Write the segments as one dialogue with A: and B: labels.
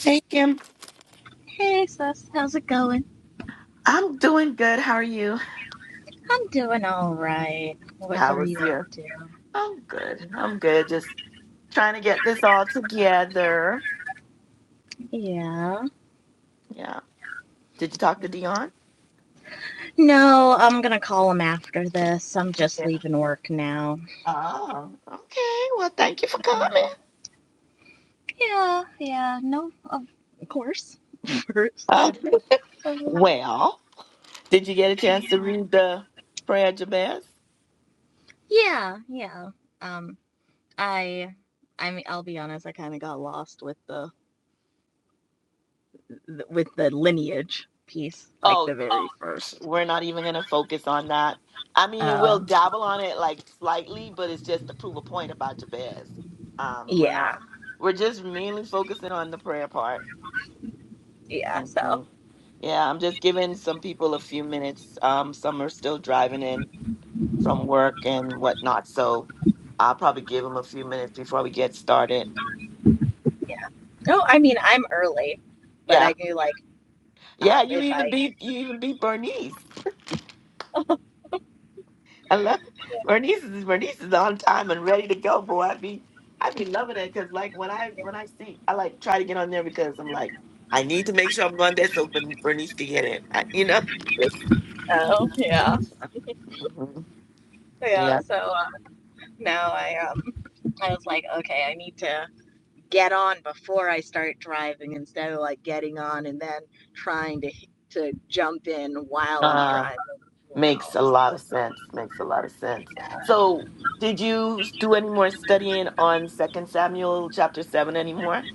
A: Hey Kim,
B: Hey sis, how's it going?
A: I'm doing good. How are you?
B: I'm doing all right. What
A: How
B: are
A: was
B: you up
A: your?
B: to?
A: I'm good. I'm good. Just trying to get this all together.
B: Yeah.
A: Yeah. Did you talk
B: yeah.
A: to Dion?
B: No, I'm gonna call him after this. I'm just
A: Yeah.
B: leaving work now.
A: Oh, okay. Well, thank you for coming.
B: Yeah, yeah. No, of course. First and-
A: Okay.
B: oh.
A: Well, did you get a chance to
B: yeah,
A: read the prayer Jabez?
B: yeah. yeah. Um, I, I mean, I'll be honest. I kind of got lost with the, the with the lineage piece, like
A: Oh,
B: the very Oh. first.
A: we're not even going to focus on that. I mean, we'll
B: Oh,
A: dabble on it like slightly, but it's just to prove a point about Jabez. Um, we're not.
B: yeah,
A: We're just mainly focusing on the prayer part.
B: yeah. So,
A: hmm Yeah, I'm just giving some people a few minutes. Um, some are still driving in from work and whatnot, so I'll probably give them a few minutes before we get started.
B: yeah. No, I mean I'm early, but I
A: Yeah,
B: do like
A: yeah.
B: um,
A: You
B: if
A: even
B: I.
A: beat you even beat Bernice. I love
B: yeah.
A: Bernice. Is, Bernice is on time and ready to go, boy. I be I be loving it because like when I when I see I like try to get on there because I'm like I need to make sure I'm on there so Bern- Bernice can get in. I, you know.
B: Oh yeah,
A: Mhm.
B: yeah.
A: Yeah.
B: So uh, now I um I was like, okay, I need to get on before I start driving instead of like getting on and then trying to to jump in while I'm
A: Uh,
B: driving. You know,
A: Makes a lot of sense. Makes a lot of sense. So, did you do any more studying on Second Samuel chapter seven anymore?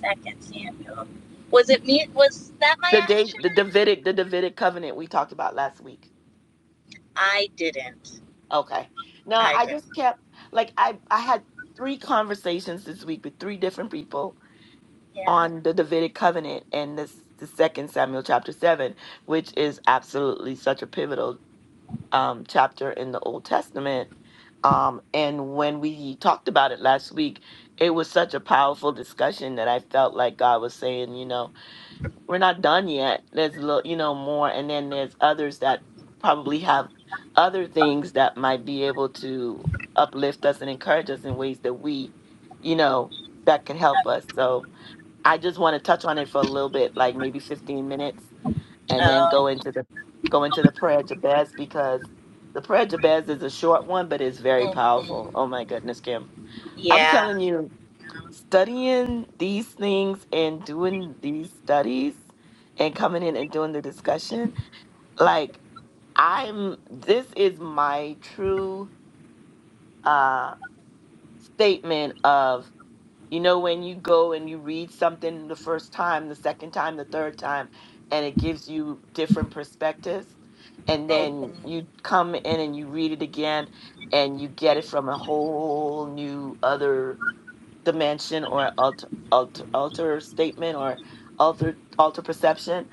B: like, second Samuel. Was it me? Was that my
A: The day,
B: action?
A: the Davidic, the Davidic covenant we talked about last week.
B: I didn't.
A: Okay. Now
B: I
A: I
B: didn't.
A: just kept like I I had three conversations this week with three different people
B: Yeah.
A: on the Davidic covenant and this the Second Samuel chapter seven, which is absolutely such a pivotal um, chapter in the Old Testament. Um, and when we talked about it last week, it was such a powerful discussion that I felt like God was saying, you know, we're not done yet. There's a little, you know, more. And then there's others that probably have other things that might be able to uplift us and encourage us in ways that we, you know, that can help us. So I just want to touch on it for a little bit, like maybe 15 minutes and then
B: Oh.
A: go into the go into the prayer of Jabez because the prayer of Jabez is a short one, but it's very
B: mhm.
A: powerful. Oh my goodness, Kim. I'm
B: Yeah.
A: telling you, studying these things and doing these studies and coming in and doing the discussion, like I'm this is my true uh statement of You know, when you go and you read something the first time, the second time, the third time, and it gives you different perspectives, and then you
B: hmm
A: come in and you read it again and you get it from a whole new other dimension or alter, alter, alter statement or alter, alter perception.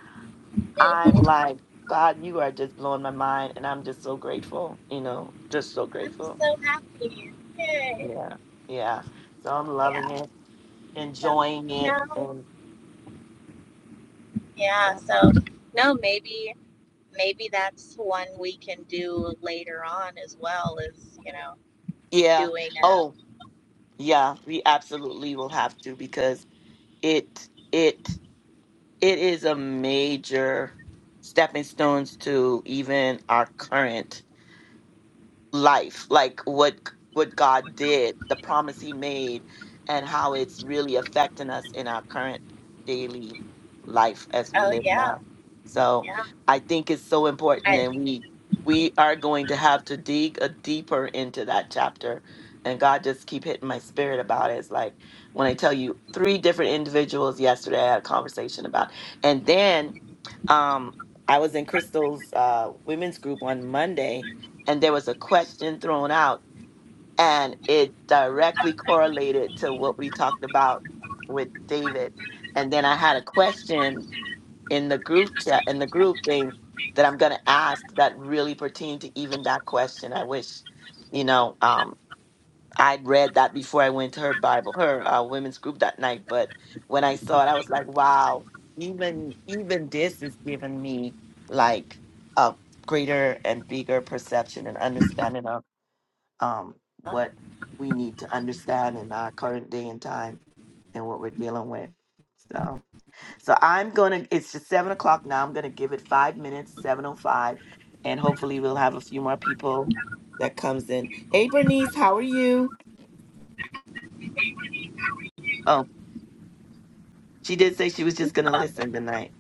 A: I'm like, God, you are just blowing my mind. And I'm just so grateful, you know, just so
B: I'm
A: grateful.
B: so happy. Yay.
A: Yeah. Yeah. So I'm loving
B: Yeah.
A: it,
B: So
A: enjoying
B: no.
A: it. and.
B: Yeah.
A: But-
B: So no. Maybe maybe that's one we can do later on as well as you know
A: Yeah.
B: doing
A: Oh,
B: a.
A: yeah. We absolutely will have to because it it it is a major stepping stones to even our current life like what what god did the promise he made and how it's really affecting us in our current daily life as we
B: Oh
A: live
B: yeah.
A: now so
B: Yeah.
A: i think it's so important
B: I.
A: and we we are going to have to dig a deeper into that chapter and god just keep hitting my spirit about it it's like when i tell you three different individuals yesterday i had a conversation about and then um i was in crystal's uh women's group on monday and there was a question thrown out and it directly correlated to what we talked about with David and then I had a question in the group chat in the group thing that I'm going to ask that really pertained to even that question I wish you know um I'd read that before I went to her Bible her uh, women's group that night but when I saw it I was like wow even even this is giving me like a greater and bigger perception and understanding um, what we need to understand in our current day and time and what we're dealing with. So, so I'm gonna. It's just seven o'clock now. I'm gonna give it five minutes, seven o five, and hopefully we'll have a few more people that comes in. Hey, Bernice, how are you? Oh, she did say she was just gonna listen tonight.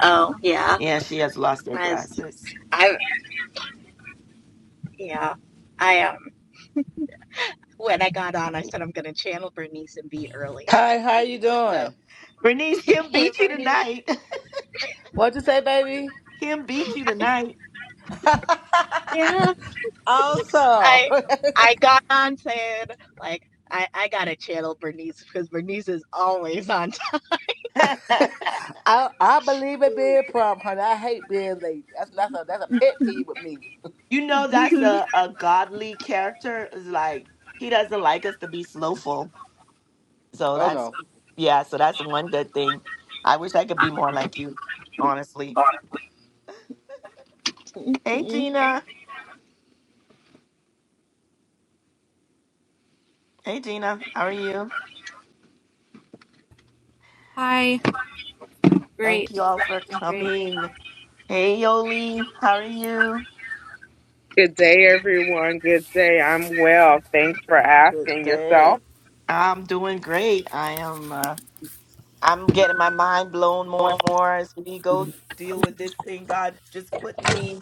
B: Oh yeah.
A: Yeah, she has lost her
B: As
A: glasses.
B: I. Yeah. I um. When I got on, I said I'm gonna channel Bernice and be early.
C: Hi, how you
B: So
C: doing?
A: Bernice, Kim
B: hey
A: beat you
B: Bernice.
A: tonight.
C: What'd you say, baby?
A: Kim beat you tonight.
B: Yeah.
C: awesome.
B: I. I got on saying like I I gotta channel Bernice because Bernice is always on
C: I I believe in being prompt, honey. I hate being late. That's that's a that's a pet peeve with me.
A: You know that's
B: Mm-hmm.
A: a, a godly character is like he doesn't like us to be slowful. So
C: Oh
A: that's
C: no.
A: yeah, so that's one good thing. I wish I could be more like you, honestly. Hey
B: Mm-hmm.
A: Gina. Hey Gina, how are you?
D: Hi. Great.
A: You all for
D: Doing great.
A: king. Hey Yoli, how are you?
E: Good day, everyone. Good day. I'm well. Thanks for
C: Good
E: asking yourself.
C: day.
A: I'm doing great. I am I'm getting my mind blown more and more as we go deal with this thing God put me.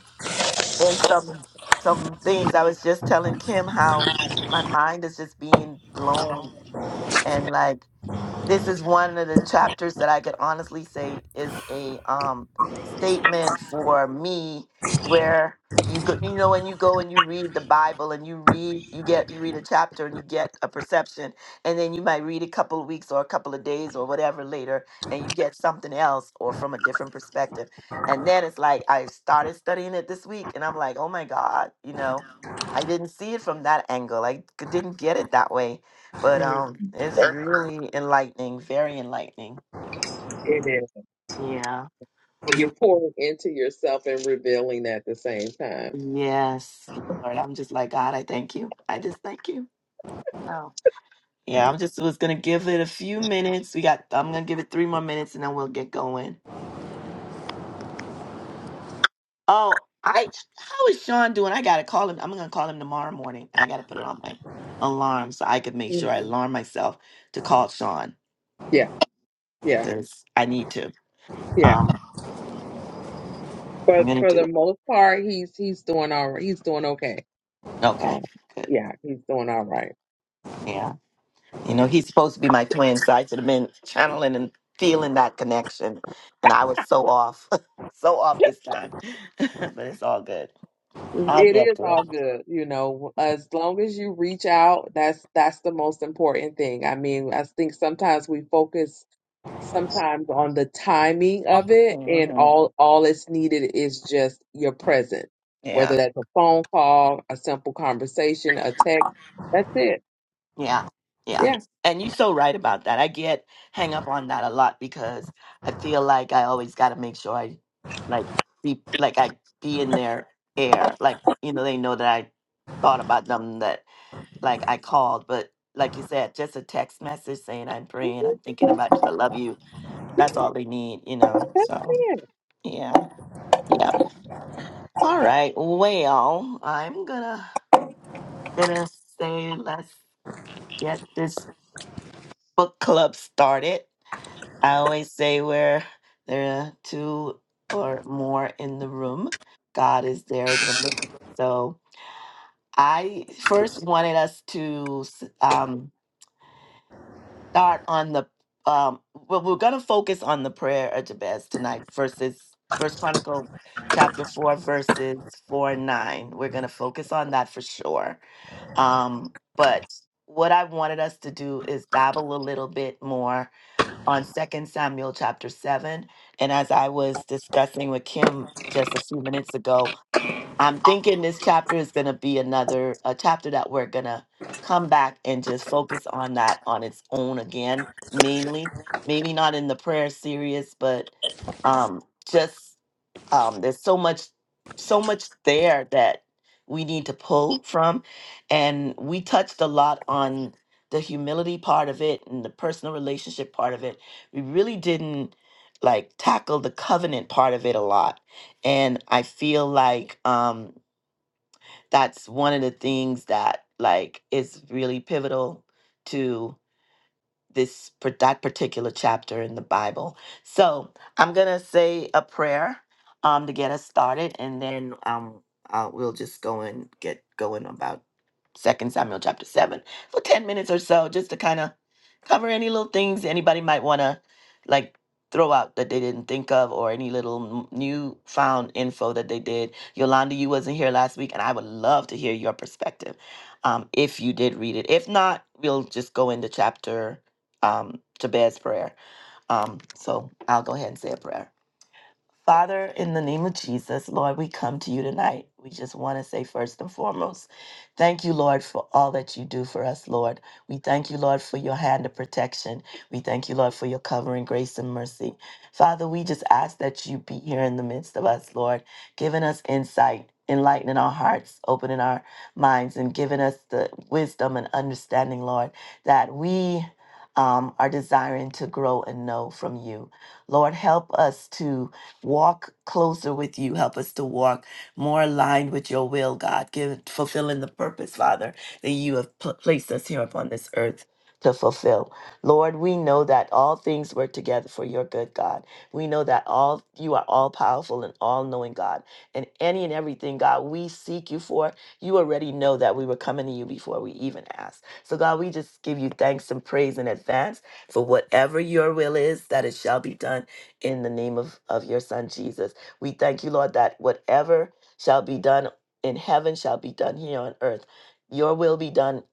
A: and some some things i was just telling kim how my mind is just being blown and like this is one of the chapters that i could honestly say um, statement for me where you go you know and you go and you read the bible and you read you get you read a chapter and you get a perception and then you might read a couple of weeks or a couple of days or whatever later and you get something else or from a different perspective and then it's like i started studying it this week and i'm like oh my god you know i didn't see it from that angle i c- didn't get it that way but
E: Mhm.
A: um it's really enlightening very enlightening
E: It is.
A: yeah
E: Well, you're pouring into yourself and revealing at the same time.
A: Yes, Lord. I'm just like, God, I thank you. I just thank you. So, yeah, I'm just was going to give it a few minutes. We got, I'm going to give it three more minutes and then we'll get going. Oh, I, how is Sean doing? I got to call him. I'm going to call him tomorrow morning. I got to put it on my alarm so I could make sure I
E: Mhm.
A: alarm myself to call Sean
E: Yeah, yeah,
A: because I need to.
E: yeah.
A: Um, I'm
E: But
A: going
E: for
A: to do
E: the
A: it.
E: most part, he's he's doing all right. He's doing okay.
A: Okay,
E: Um,
A: good.
E: yeah, he's doing all right.
A: Yeah. You know, he's supposed to be my twin, so I should have been channeling and feeling that connection. And I was so off, so off this time. but it's all good. I'll
E: It
A: get
E: is
A: to
E: all
A: him.
E: good, you know. As long as you reach out, that's that's the most important thing. I mean, I think sometimes we focus sometimes on the timing of it and
A: hmm
E: all all it's needed is just your presence
A: Yeah,
E: whether that's a phone call a simple conversation a text that's it
A: yeah, yeah.
E: yeah
A: And you're so right about that. I get hang up on that a lot because I feel like I always got to make sure I like be like I be in their air, like you know they know that I thought about them, that like I called, but like you said, just a text message saying I'm praying,
E: Mm-hmm.
A: I'm thinking about you, I love you. That's
E: Yeah,
A: all they need, you know.
E: that's
A: So
E: it
A: yeah, yeah. All right. Well, I'm gonna gonna say let's get this book club started. I always say where there are two or more in the room, God is there in the midst. So I first wanted us to um, start on the um well we're going to focus on the prayer of jabez tonight verses first chronicle chapter 4 verses 4 and 9 we're going to focus on that for sure um but what i wanted us to do is dabble a little bit more on second samuel chapter 7 and as i was discussing with kim just a few minutes ago I'm thinking this chapter is going to be another a chapter that we're going to come back and just focus on that on its own again, mainly. Maybe not in the prayer series, but um just um there's so much so much there that we need to pull from and we touched a lot on the humility part of it and the personal relationship part of it. We really didn't like tackle the covenant part of it a lot and i feel like um that's one of the things that like is really pivotal to this par- that particular chapter in the Bible. So I'm gonna say a prayer um, to get us started, and then um, uh, we'll just go and get going about Second Samuel chapter seven for ten minutes or so, just to kind of cover any little things anybody might wanna like throw out that they didn't think of or any little n- new found info that they did yolanda you wasn't here last week and i would love to hear your perspective um, if you did read it if not we'll just go into chapter um, Jabez's prayer. Um, so I'll go ahead and say a prayer. Father, in the name of Jesus, Lord, we come to you tonight. We just want to say, first and foremost, thank you, Lord, for all that you do for us, Lord. We thank you, Lord, for your hand of protection. We thank you, Lord, for your covering, grace, and mercy. Father, we just ask that you be here in the midst of us, Lord, giving us insight, enlightening our hearts, opening our minds, and giving us the wisdom and understanding, Lord, that we um, are desiring to grow and know from you. Lord, help us to walk closer with you. Help us to walk more aligned with your will, God, give, fulfilling the purpose, Father, that you have pl- placed us here upon this earth to fulfill. Lord, we know that all things work together for your good, God. We know that all you are all powerful and all knowing, God. And any and everything, God, we seek you for, you already know that we were coming to you before we even asked. So, God, we just give you thanks and praise in advance for whatever your will is, that it shall be done in the name of, of your son Jesus. We thank you, Lord, that whatever shall be done in heaven shall be done here on earth. Your will be done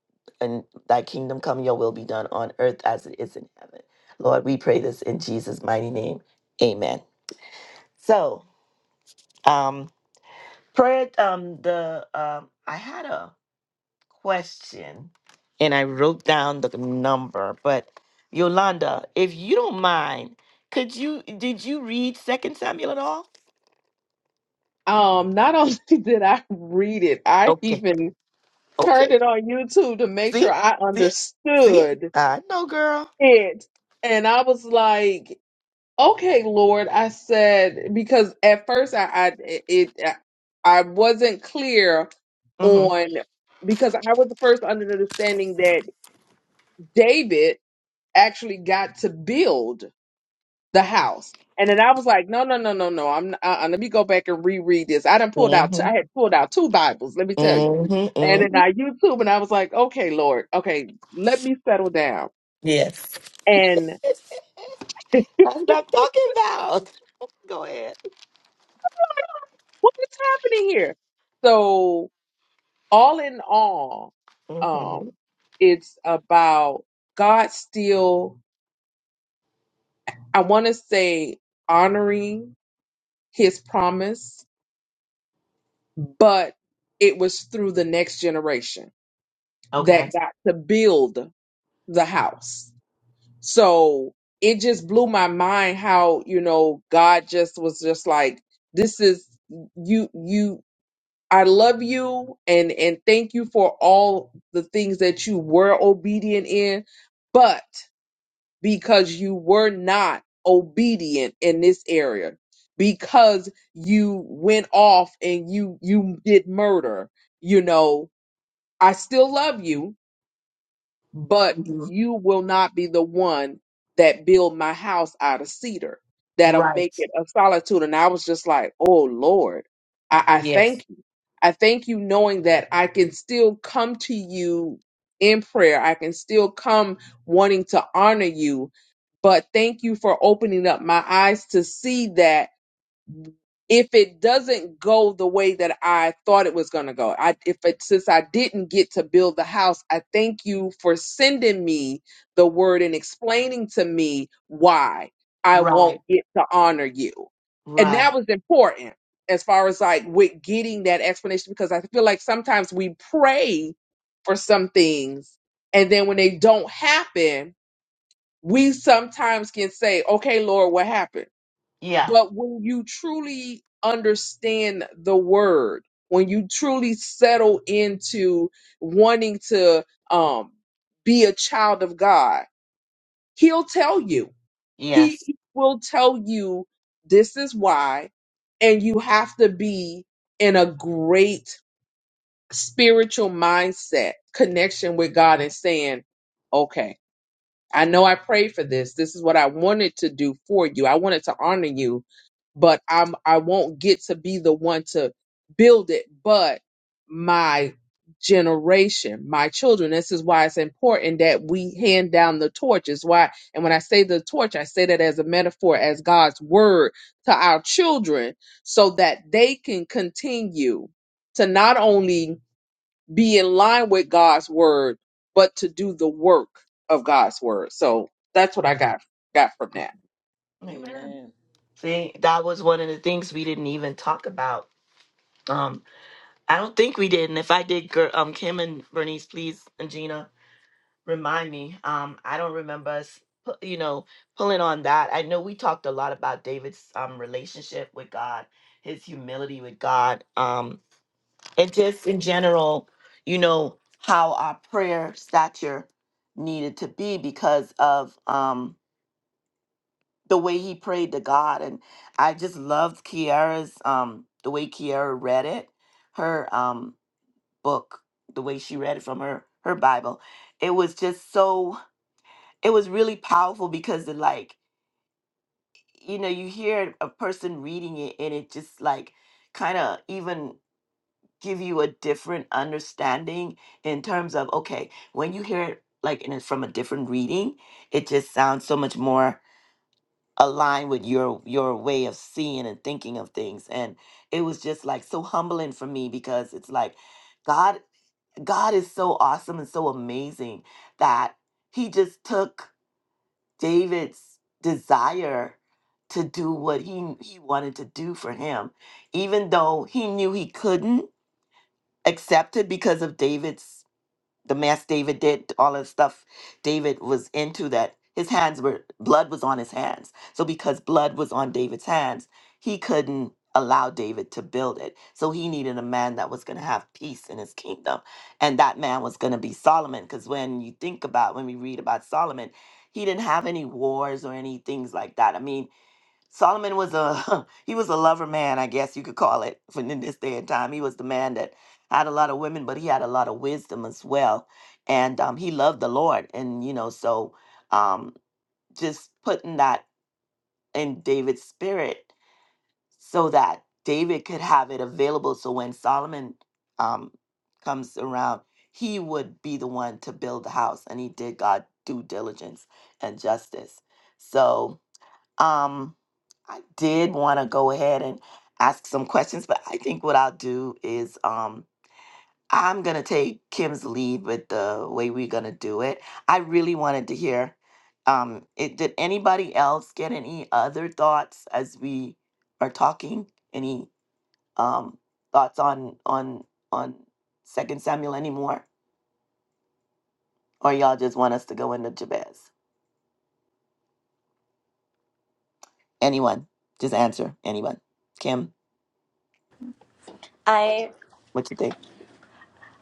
A: and thy kingdom come, your will be done on earth as it is in heaven. Lord, we pray this in Jesus' mighty name. Amen. So, um, prayer, um, the, um, I had a question and I wrote down the number, but Yolanda, if you don't mind, could you, did you read Second Samuel at all?
E: um not only did i read it i
A: Okay.
E: even turned
A: Okay.
E: it on youtube to make
A: See?
E: sure i
A: See? See?
E: understood
A: I know, girl.
E: it and i was like okay lord i said because at first i i it i wasn't clear
A: Mm-hmm.
E: on because i was first under the understanding that david actually got to build the house and then i was like no no no no no i'm uh, uh, let me go back and reread this i done pulled out t-
A: Mm-hmm.
E: i had pulled out two bibles let me tell you
A: Mm-hmm.
E: and then
A: Mm-hmm.
E: i youtube and i was like okay lord okay let me settle down
A: Yes.
E: and
A: That's what I'm talking about. Go ahead.
E: what is happening here so all in all,
A: Mm-hmm.
E: um, it's about God still, I want to say, honoring his promise, but it was through the next generation
A: Okay.
E: that got to build the house. So it just blew my mind how, you know, God just was just like, this is you, you, I love you and, and thank you for all the things that you were obedient in, but because you were not obedient in this area because you went off and you you did murder you know i still love you but
A: hmm
E: you will not be the one that build my house out of cedar that'll make
A: Right.
E: it a solitude and i was just like oh lord i, I thank you
A: Yes.
E: I thank you knowing that I can still come to you in prayer. I can still come wanting to honor you. But thank you for opening up my eyes to see that if it doesn't go the way that I thought it was going to go, I if it since I didn't get to build the house, I thank you for sending me the word and explaining to me why I won't
A: Right.
E: get to honor you. And
A: Right.
E: that was important as far as like with getting that explanation because I feel like sometimes we pray for some things and then when they don't happen, we sometimes can say, "Okay, Lord, what happened?"
A: Yeah.
E: But when you truly understand the word, when you truly settle into wanting to um, be a child of God, He'll tell you. He
A: Yes.
E: will tell you this is why, and you have to be in a great spiritual mindset connection with God and saying, "Okay." I know I prayed for this. This is what I wanted to do for you. I wanted to honor you, but I'm I won't get to be the one to build it, but my generation, my children. This is why it's important that we hand down the torch. Is why and when I say the torch, I say that as a metaphor, as God's word to our children, so that they can continue to not only be in line with God's word, but to do the work of God's word. So that's what I got got from that.
A: Amen.
C: Amen.
A: See, that was one of the things we didn't even talk about. Um, I don't think we did, and if I did, girl, um, Kim and Bernice, please, and Gina, remind me. Um, I don't remember us, pu- you know, pulling on that. I know we talked a lot about David's um, relationship with God, his humility with God, um, and just in general, you know, how our prayer stature needed to be because of um, the way he prayed to God. And I just loved Kiara's, um, the way Kiara read it, her um, book, the way she read it from her her Bible. It was just so it was really powerful because it like you know you hear a person reading it and it just like kind of even give you a different understanding in terms of okay when you hear it like in a, from a different reading it just sounds so much more aligned with your your way of seeing and thinking of things and it was just like so humbling for me because it's like god god is so awesome and so amazing that he just took David's desire to do what he he wanted to do for him, even though he knew he couldn't accept it because of David's the mass David did, all the stuff. David was into that. His hands were blood was on his hands. So because blood was on David's hands, he couldn't allow David to build it. So he needed a man that was going to have peace in his kingdom. And that man was going to be Solomon because when you think about when we read about Solomon, he didn't have any wars or any things like that. I mean, Solomon was a he was a lover man, I guess you could call it, for in this day and time. He was the man that had a lot of women, but he had a lot of wisdom as well, and um, he loved the Lord, and you know, so um, just putting that in David's spirit, so that David could have it available, so when Solomon um, comes around, he would be the one to build the house, and he did God due diligence and justice. So um, I did want to go ahead and ask some questions, but I think what I'll do is um, I'm going to take Kim's lead with the way we're going to do it. I really wanted to hear. Um, it, did anybody else get any other thoughts as we are talking? Any um, thoughts on on on Second Samuel anymore, or y'all just want us to go into Jabez? Anyone? Just answer. Anyone? Kim,
B: I
A: what you think?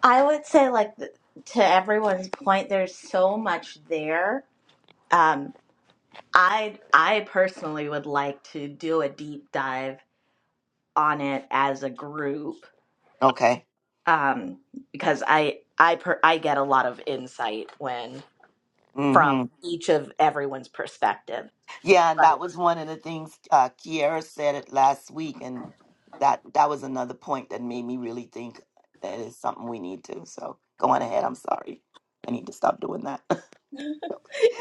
B: I would say like th- to everyone's point, there's so much there. Um, I I personally would like to do a deep dive on it as a group
A: Okay.
B: um, because I I per- I get a lot of insight when
A: Mm-hmm.
B: from each of everyone's perspective.
A: Yeah, and that was one of the things uh, Kiara said it last week, and that that was another point that made me really think that is something we need to. So go on ahead. I'm sorry. I need to stop doing that.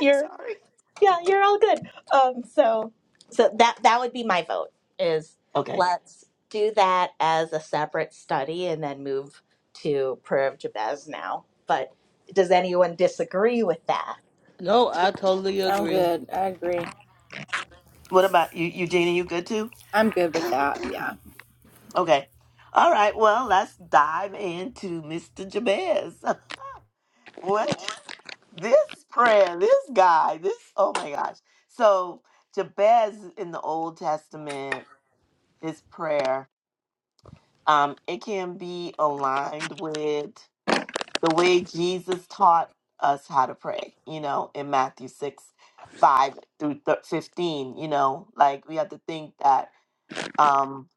B: Right.
A: sorry.
B: yeah, you're all good. Um, so, so that that would be my vote. Is
A: Okay.
B: let's do that as a separate study and then move to Prayer of Jabez now. But does anyone disagree with that?
C: No, I totally
D: I'm
C: agree.
D: good. I agree.
A: What about you, Eugenia? You good too?
D: I'm good with that. Yeah.
A: Okay. All right. Well, let's dive into Mr. Jabez. what this prayer this guy this oh my gosh so jabez in the old testament his prayer Um, it can be aligned with the way Jesus taught us how to pray, you know, in Matthew 6, 5 through th- 15, you know, like we have to think that um,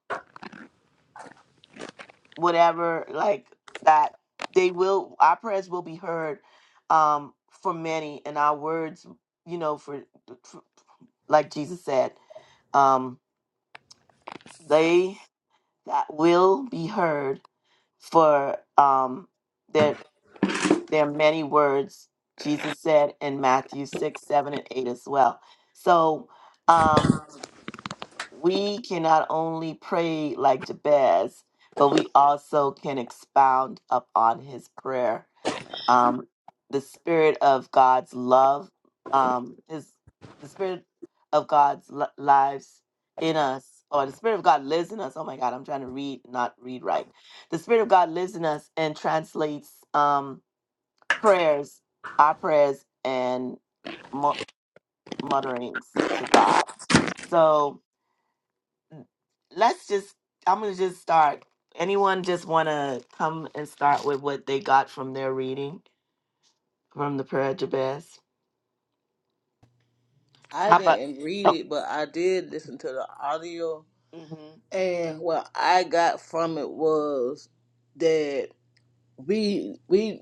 A: whatever, like that they will, our prayers will be heard um, for many and our words, you know, for, for like Jesus said, um, they that will be heard for um, There are many words Jesus said in Matthew 6, 7, and 8 as well. So um, we can not only pray like Jabez, but we also can expound upon his prayer. Um, the spirit of God's love, um, is the spirit of God's li- lives in us, or the spirit of God lives in us. Oh my God, I'm trying to read, not read right. The spirit of God lives in us and translates. Um, prayers, our prayers and mu- mutterings to God. So let's just, I'm going to just start. Anyone just want to come and start with what they got from their reading from the prayer of Jabez?
C: I
A: How about?
C: didn't
A: Oh,
C: read it, but I did listen to the audio,
A: hmm
C: and what I got from it was that we we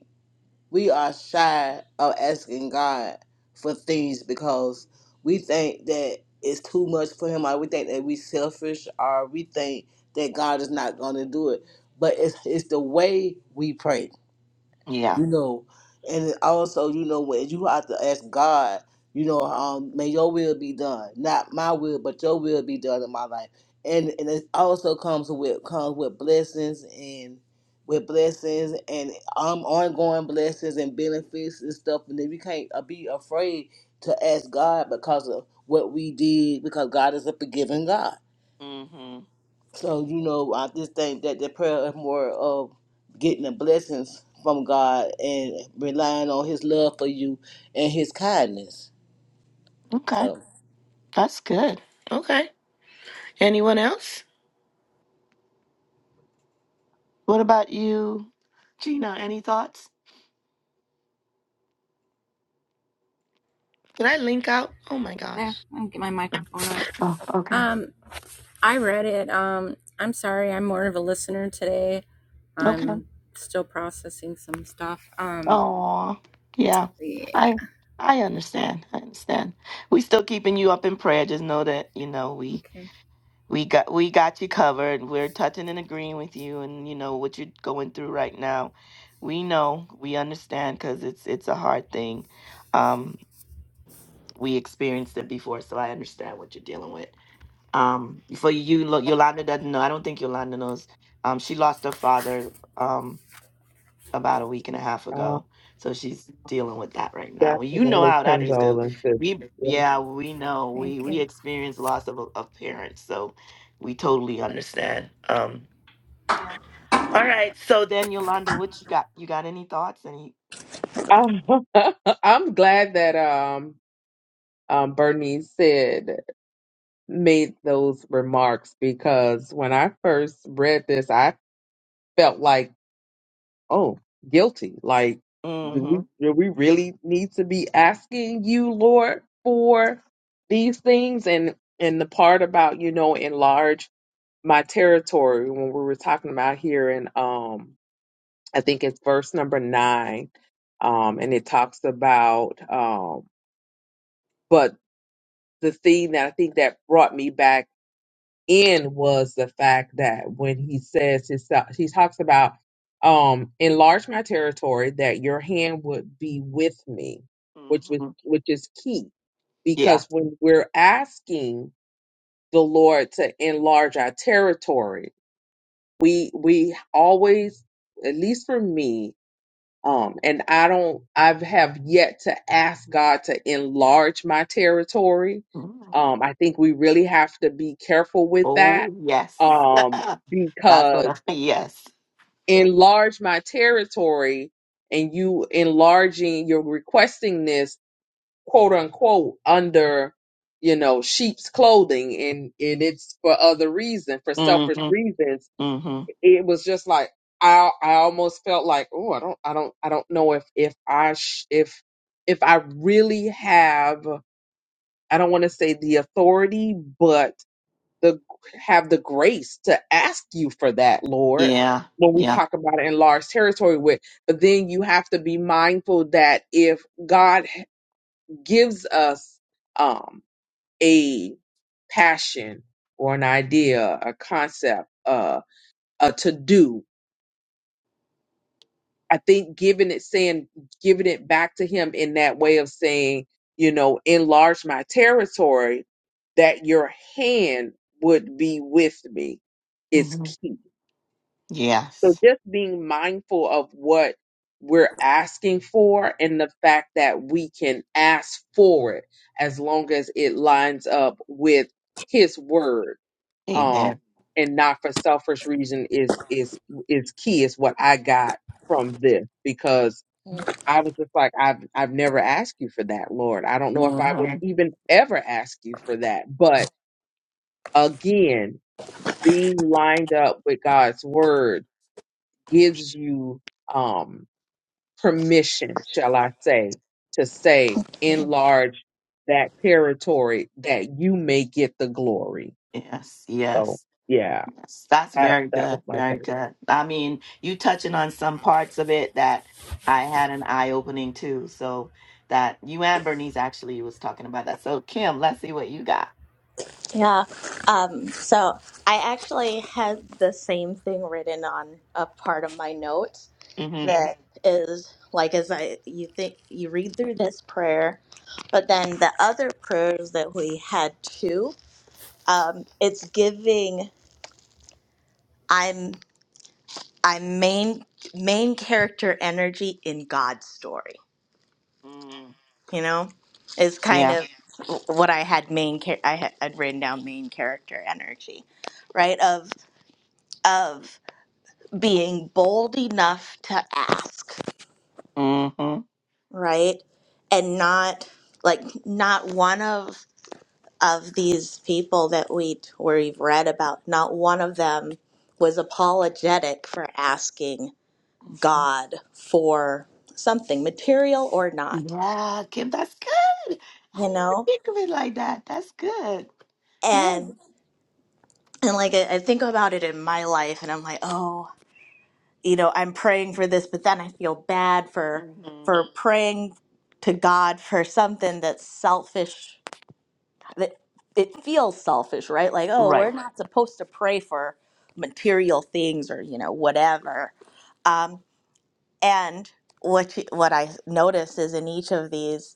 C: we are shy of asking God for things because we think that it's too much for him or we think that we selfish or we think that God is not gonna do it. But it's it's the way we pray
A: yeah.
C: you know, and also, you know, when you have to ask God, you know, um, may your will be done, not my will, but your will be done in my life, and and it also comes with comes with blessings and with blessings and um ongoing blessings and benefits and stuff, and then we can't uh, be afraid to ask God because of what we did, because God is a forgiving God.
A: hmm
C: So, you know, I just think that the prayer is more of getting the blessings from God and relying on His love for you and His kindness.
A: Okay,
C: So,
A: that's good. Okay. Anyone else? What about you, Gina? Any thoughts? Did I link out? Oh my gosh.
D: There. I'm gonna get my microphone up. Um, I read it. Um, I'm sorry. I'm more of a listener today. I'm still processing some stuff. Um,
A: Oh, yeah.
D: yeah.
A: I I understand. I understand. We still keeping you up in prayer. Just know that, you know, we
D: Okay.
A: we got we got you covered. We're touching and agreeing with you and you know what you're going through right now. We know, we understand cuz it's it's a hard thing. Um we experienced it before, so I understand what you're dealing with. Um for you Lo- Yolanda doesn't know. I don't think Yolanda knows. Um she lost her father. Um about a week and a half
E: Uh,
A: ago. So she's dealing with that right now. Well, you know
E: definitely
A: how that is because
E: condolences.
A: we,
E: Yeah.
A: yeah, we know we
D: Thank you.
A: experience loss of, a- of parents. So we totally understand. Um, all right. So then,
D: Okay.
A: Yolanda, what you got? You got any thoughts? Any? any
E: Um, I'm glad that um, um, Bernice said made those remarks because when I first read this, I felt like. oh, guilty. Like, do we
A: mm-hmm,
E: do we really need to be asking you, Lord, for these things? And and the part about you know enlarge my territory when we were talking about here in um I think it's verse number nine, um, and it talks about um, but the thing that I think that brought me back in was the fact that when he says his he talks about um enlarge my territory that your hand would be with me which was
A: mm-hmm.
E: which is key
A: Yeah.
E: because when we're asking the lord to enlarge our territory we we always at least for me um, and I don't, I've have yet to ask God to enlarge my territory.
A: Mhm.
E: Um, I think we really have to be careful with that.
A: Oh, yes.
E: Um,
A: That's what
E: because
A: I, yes.
E: enlarge my territory and you enlarging, you're requesting this quote unquote under, you know, sheep's clothing and, and it's for other reason, for selfish
A: Mm-hmm,
E: reasons
A: mm-hmm.
E: it was just like I I almost felt like oh I don't I don't I don't know if if I sh- if if I really have I don't want to say the authority but the have the grace to ask you for that Lord
A: Yeah.
E: when we
A: Yeah.
E: talk about it in large territory with but then you have to be mindful that if God gives us um a passion or an idea a concept uh a to do I think giving it saying giving it back to him in that way of saying, you know, enlarge my territory, that your hand would be with me is
A: Mm-hmm.
E: key. So
A: Yes.
E: just being mindful of what we're asking for and the fact that we can ask for it as long as it lines up with his word um
A: Amen.
E: and not for selfish reason is is is key is what I got from this because I was just like, I've I've never asked you for that, Lord. I don't know if I would
A: Mm-hmm.
E: even ever ask you for that. But again, being lined up with God's word gives you um permission, shall I say, to say enlarge that territory that you may get the glory.
A: Yes. Yes.
E: So yeah,
A: Yes, that's
E: that
A: very
E: that was
A: good.
E: my
A: Very
E: thing.
A: good. I mean, you touching on some parts of it that I had an eye opening too. So that you and Bernice actually was talking about that. So Kim, let's see what you got.
B: Yeah. Um, so I actually had the same thing written on a part of my note
A: Mm-hmm.
B: that is like as I you think you read through this prayer, but then the other prayers that we had too, um, it's giving. I'm I'm main main character energy in God's story.
A: Mm,
B: You know, is kind
A: yeah.
B: of Yeah. what I had main char- I had I'd written down main character energy, right? Of of being bold enough to ask,
A: Mm-hmm.
B: right, and not like not one of of these people that we we've read about, not one of them was apologetic for asking
A: hmm
B: God for something, material or not,
A: Yeah, Kim, that's good. I didn't
B: you
A: even
B: know?
A: think of it like that. That's good. Yeah.
B: And and like I, I think about it in my life and I'm like, oh, you know, I'm praying for this, but then I feel bad for
A: hmm
B: for praying to God for something that's selfish that it feels selfish, right? Like, oh, we're
A: Right.
B: not supposed to pray for material things or, you know, whatever. Um, and what you, what I notice is in each of these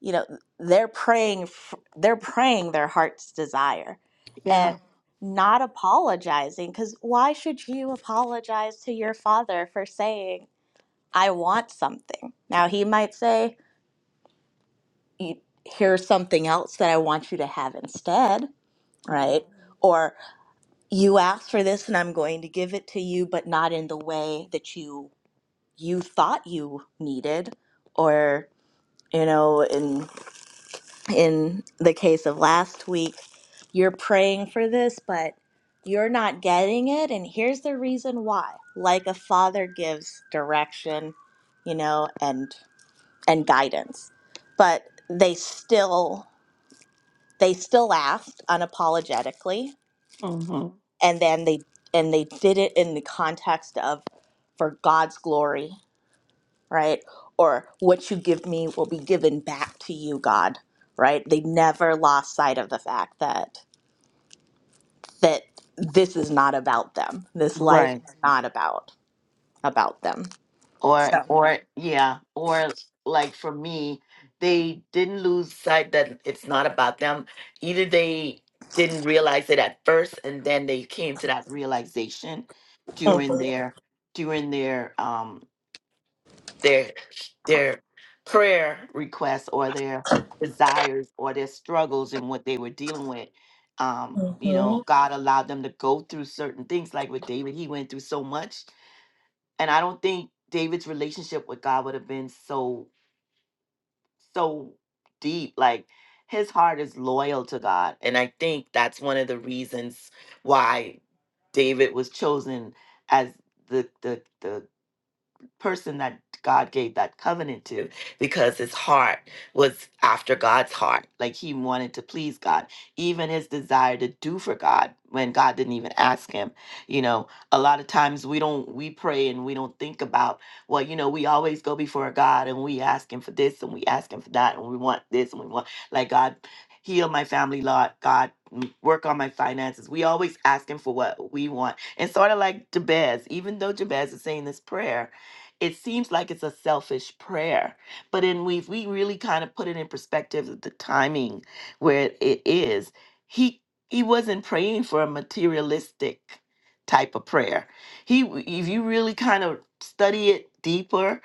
B: you know they're praying f- they're praying their heart's desire
A: Yeah.
B: and not apologizing because why should you apologize to your father for saying i want something now he might say "You- here's something else that i want you to have instead
A: hmm
B: right or you asked for this and i'm going to give it to you but not in the way that you you thought you needed or you know in in the case of last week, you're praying for this, but you're not getting it. And here's the reason why. Like a father gives direction, you know, and and guidance. But they still they still asked unapologetically
A: hmm
B: and then they and they did it in the context of for God's glory, right? Or what you give me will be given back to you, God, right? They never lost sight of the fact that that this is not about them. This life
A: Right.
B: is not about about them.
A: or
B: So
A: or yeah or like for me they didn't lose sight that it's not about them either they didn't realize it at first and then they came to that realization during
B: Mhm.
A: their during their um their their prayer requests or their desires or their struggles and what they were dealing with um you
B: Mhm.
A: know god allowed them to go through certain things like with david he went through so much and I don't think David's relationship with God would have been so so deep. Like his heart is loyal to God, and I think that's one of the reasons why David was chosen as the the the person that God gave that covenant to because his heart was after God's heart. Like he wanted to please God, even his desire to do for God when God didn't even ask him. You know, a lot of times we don't, we pray and we don't think about, well, you know, we always go before God and we ask him for this and we ask him for that and we want this and we want, like God, heal my family lot, God, m- work on my finances. We always ask him for what we want. And sort of like Jabez, even though Jabez is saying this prayer, it seems like it's a selfish prayer but in we if we really kind of put it in perspective of the timing where it is he he wasn't praying for a materialistic type of prayer he if you really kind of study it deeper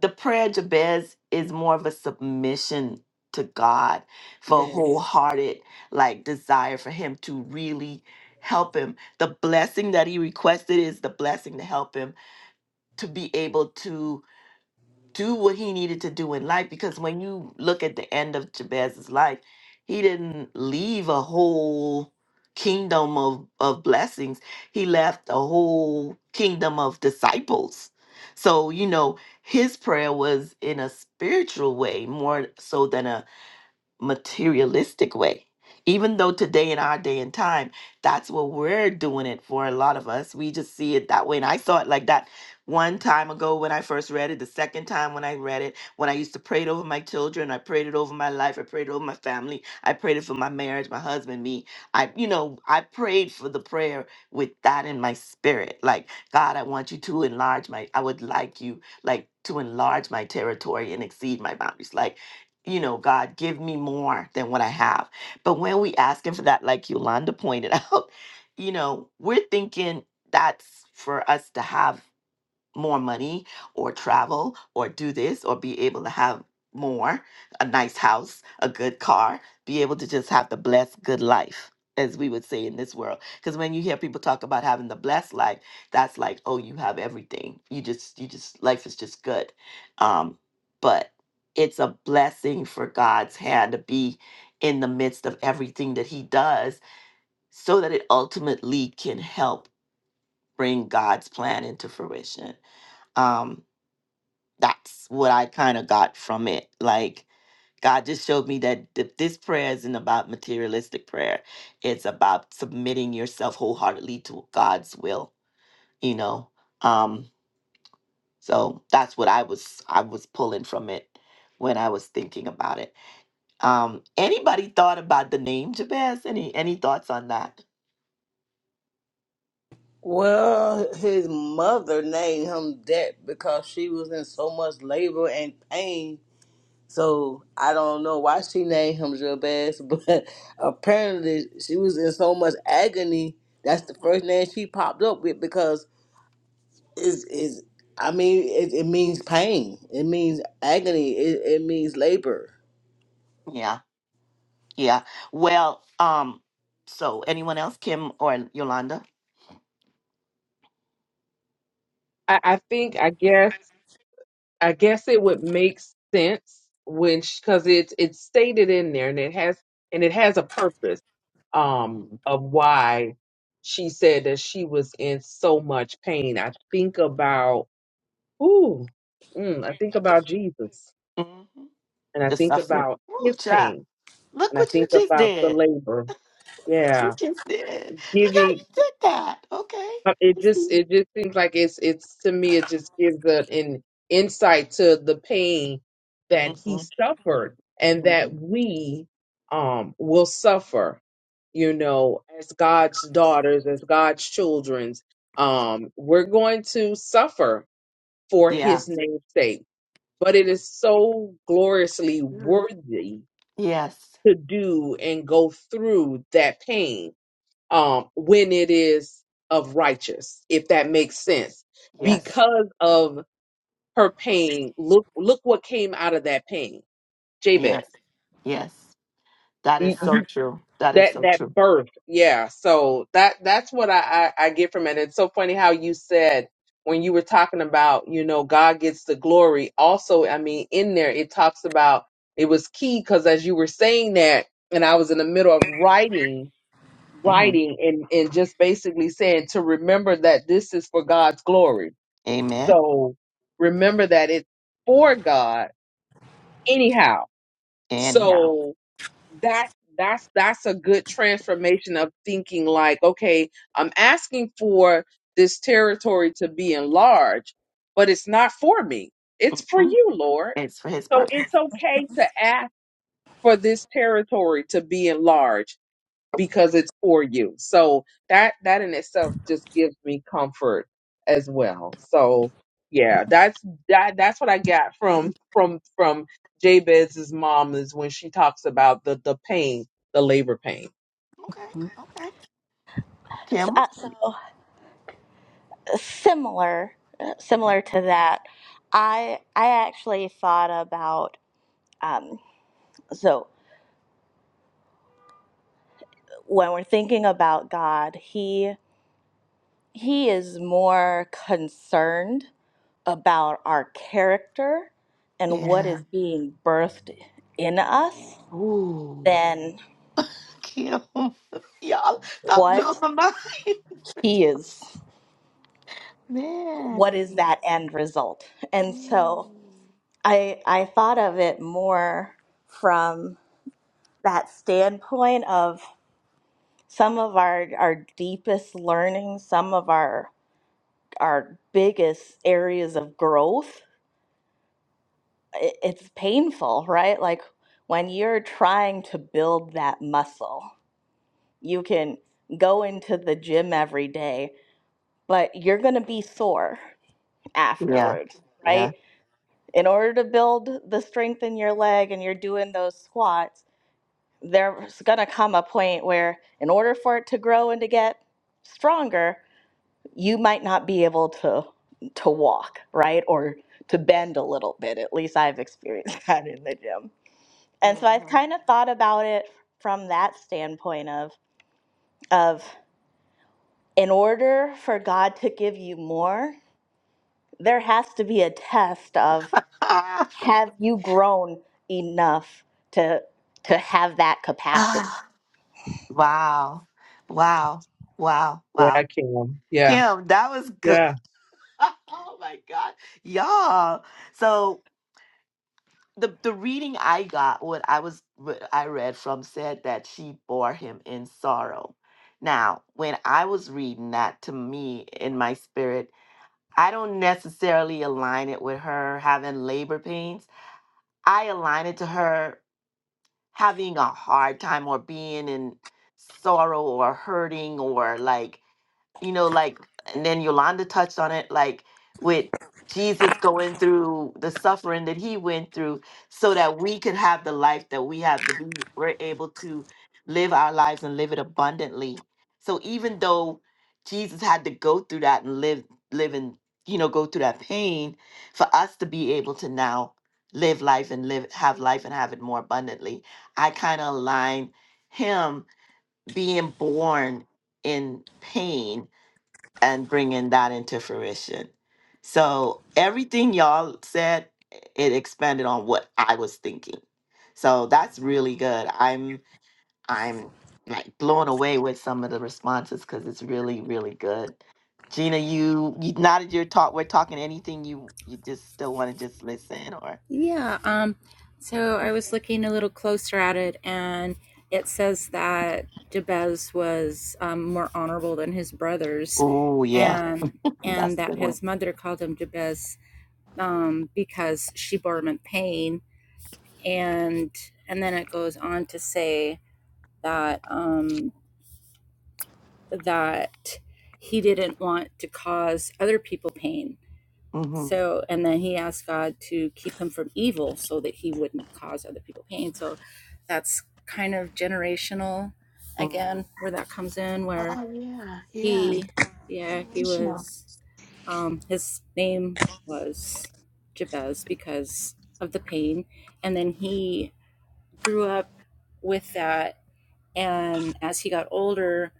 A: the prayer of jabez is more of a submission to god for a
C: yes.
A: wholehearted like desire for him to really help him the blessing that he requested is the blessing to help him to be able to do what he needed to do in life because when you look at the end of Jabez's life, he didn't leave a whole kingdom of, of blessings. He left a whole kingdom of disciples. So, you know, his prayer was in a spiritual way more so than a materialistic way. Even though today in our day and time, that's what we're doing it for a lot of us. We just see it that way. And I saw it like that one time ago when I first read it, the second time when I read it, when I used to pray it over my children, I prayed it over my life, I prayed it over my family, I prayed it for my marriage, my husband, me. I, you know, I prayed for the prayer with that in my spirit. Like, God, I want you to enlarge my, I would like you, like, to enlarge my territory and exceed my boundaries. Like, you know, God, give me more than what I have. But when we asking for that, like Yolanda pointed out, you know, we're thinking that's for us to have more money or travel or do this or be able to have more a nice house a good car be able to just have the blessed good life as we would say in this world because when you hear people talk about having the blessed life that's like oh you have everything you just you just life is just good um but it's a blessing for god's hand to be in the midst of everything that he does so that it ultimately can help bring god's plan into fruition um that's what I kind of got from it. Like God just showed me that th- this prayer isn't about materialistic prayer. It's about submitting yourself wholeheartedly to God's will, you know. Um so that's what I was I was pulling from it when I was thinking about it. Um anybody thought about the name Jabez? Any any thoughts on that?
C: Well, his mother named him that because she was in so much labor and pain. So I don't know why she named him Jabez, but apparently she was in so much agony. That's the
A: Mhm.
C: first name she popped up with because is is I mean it, it means pain. It means agony. It, it means labor.
A: Yeah. Yeah. Well, um, so anyone else, Kim or Yolanda?
E: I, I think I guess I guess it would make sense when because it's it's stated in there and it has and it has a purpose um of why she said that she was in so much pain. I think about ooh, mm, I think about Jesus
A: hmm
E: and I
A: The
E: think
A: suffering.
E: about
A: Ooh,
E: his
A: child.
E: pain
A: Look
E: and I
A: what you
E: think
A: just
E: about the
A: did.
E: labor.
A: Look what you
E: Yeah,
A: just did. Look how
E: giving
A: you did that. Okay.
E: Uh, It
A: I see.
E: just it just seems like it's it's to me it just gives a, an insight to the pain that he
A: Mm-hmm.
E: suffered and
A: hmm
E: that we um will suffer, you know, as God's daughters, as God's children's, um, we're going to suffer for
A: Yeah.
E: his name's sake. But it
A: Ooh,
E: is so gloriously
A: good.
E: worthy
A: Yes.
E: to do and go through that pain um, when it is of righteous, if that makes sense,
A: Yes.
E: because of her pain. Look, look what came out of that pain, Jabez.
A: Yes. Yes. That is
E: You-
A: so
E: you-
A: true. That is
E: That
A: so
E: that
A: true.
E: birth, yeah. So that that's what I, I I get from it. It's so funny how you said when you were talking about you know God gets the glory. Also, I mean in there it talks about it was key because as you were saying that, and I was in the middle of writing
A: hmm
E: writing and, and just basically saying to remember that this is for God's glory.
A: Amen.
E: So remember that it's for God anyhow.
A: Anyhow,
E: So that that's that's a good transformation of thinking like, okay, I'm asking for this territory to be enlarged, but it's not for me. It's for
A: mm
E: you, Lord.
A: it's for his
E: So it's
A: purpose.
E: okay to ask for this territory to be enlarged because it's for you. So that that in itself just gives me comfort as well. So yeah, that's that that's what I got from from from Jabez's mom is when she talks about the the pain, the labor pain.
A: Okay. Okay. Kim.
B: Uh, so similar, uh,
A: Mhm.
B: similar to that, I I actually thought about um, when we're thinking about God, he he is more concerned about our character and what
A: Yeah.
B: is being birthed in us
A: Ooh.
B: than
A: Kim. Y'all, that blew
B: what
A: my mind.
B: he is what is
A: Man.
B: that end result. And so
A: Mm.
B: I I thought of it more from that standpoint of some of our our deepest learning, some of our our biggest areas of growth it, it's painful, right? Like when you're trying to build that muscle, you can go into the gym every day, but you're going to be sore
A: Yeah.
B: afterwards,
A: Yeah.
B: right? In order to build the strength in your leg and you're doing those squats, there's going to come a point where, in order for it to grow and to get stronger, you might not be able to to walk, right? Or to bend a little bit. At least I've experienced that in the gym And so I've
A: hmm
B: kind of thought about it from that standpoint of of in order for God to give you more, there has to be a test of
A: Ah.
B: have you grown enough to to have that capacity.
A: Ah. Wow. Wow. Wow.
E: Yeah,
A: Wow.
E: Kim. Yeah.
A: Kim, that was good.
E: Yeah.
A: oh my god, y'all! So the the reading I got, what I was, what I read from, said that she bore him in sorrow. Now, when I was reading that, to me in my spirit, I don't necessarily align it with her having labor pains. I align it to her having a hard time or being in sorrow or hurting or like you know, like, and then Yolanda touched on it, like with Jesus going through the suffering that he went through so that we could have the life that we have, that we were able to live our lives and live it abundantly. So even though Jesus had to go through that and live, live and, you know, go through that pain for us to be able to now live life and live, have life and have it more abundantly. I kind of align him being born in pain and bringing that into fruition. So everything y'all said, it expanded on what I was thinking. So that's really good. I'm I'm like blown away with some of the responses because it's really really good. Gina, you, you now that you're talk, we're talking anything you you just still want to just listen or
D: Yeah, um, so I was looking a little closer at it, and it says that Jabez was um, more honorable than his brothers,
A: oh yeah,
D: and and that his mother called him Jabez um, because she bore him in pain, and and then it goes on to say that um, that he didn't want to cause other people pain,
A: hmm
D: So, and then he asked God to keep him from evil so that he wouldn't cause other people pain. So that's kind of generational again, where that comes in, where
A: yeah,
D: he, yeah, he was, um, his name was Jabez because of the pain. And then he grew up with that. And as he got older,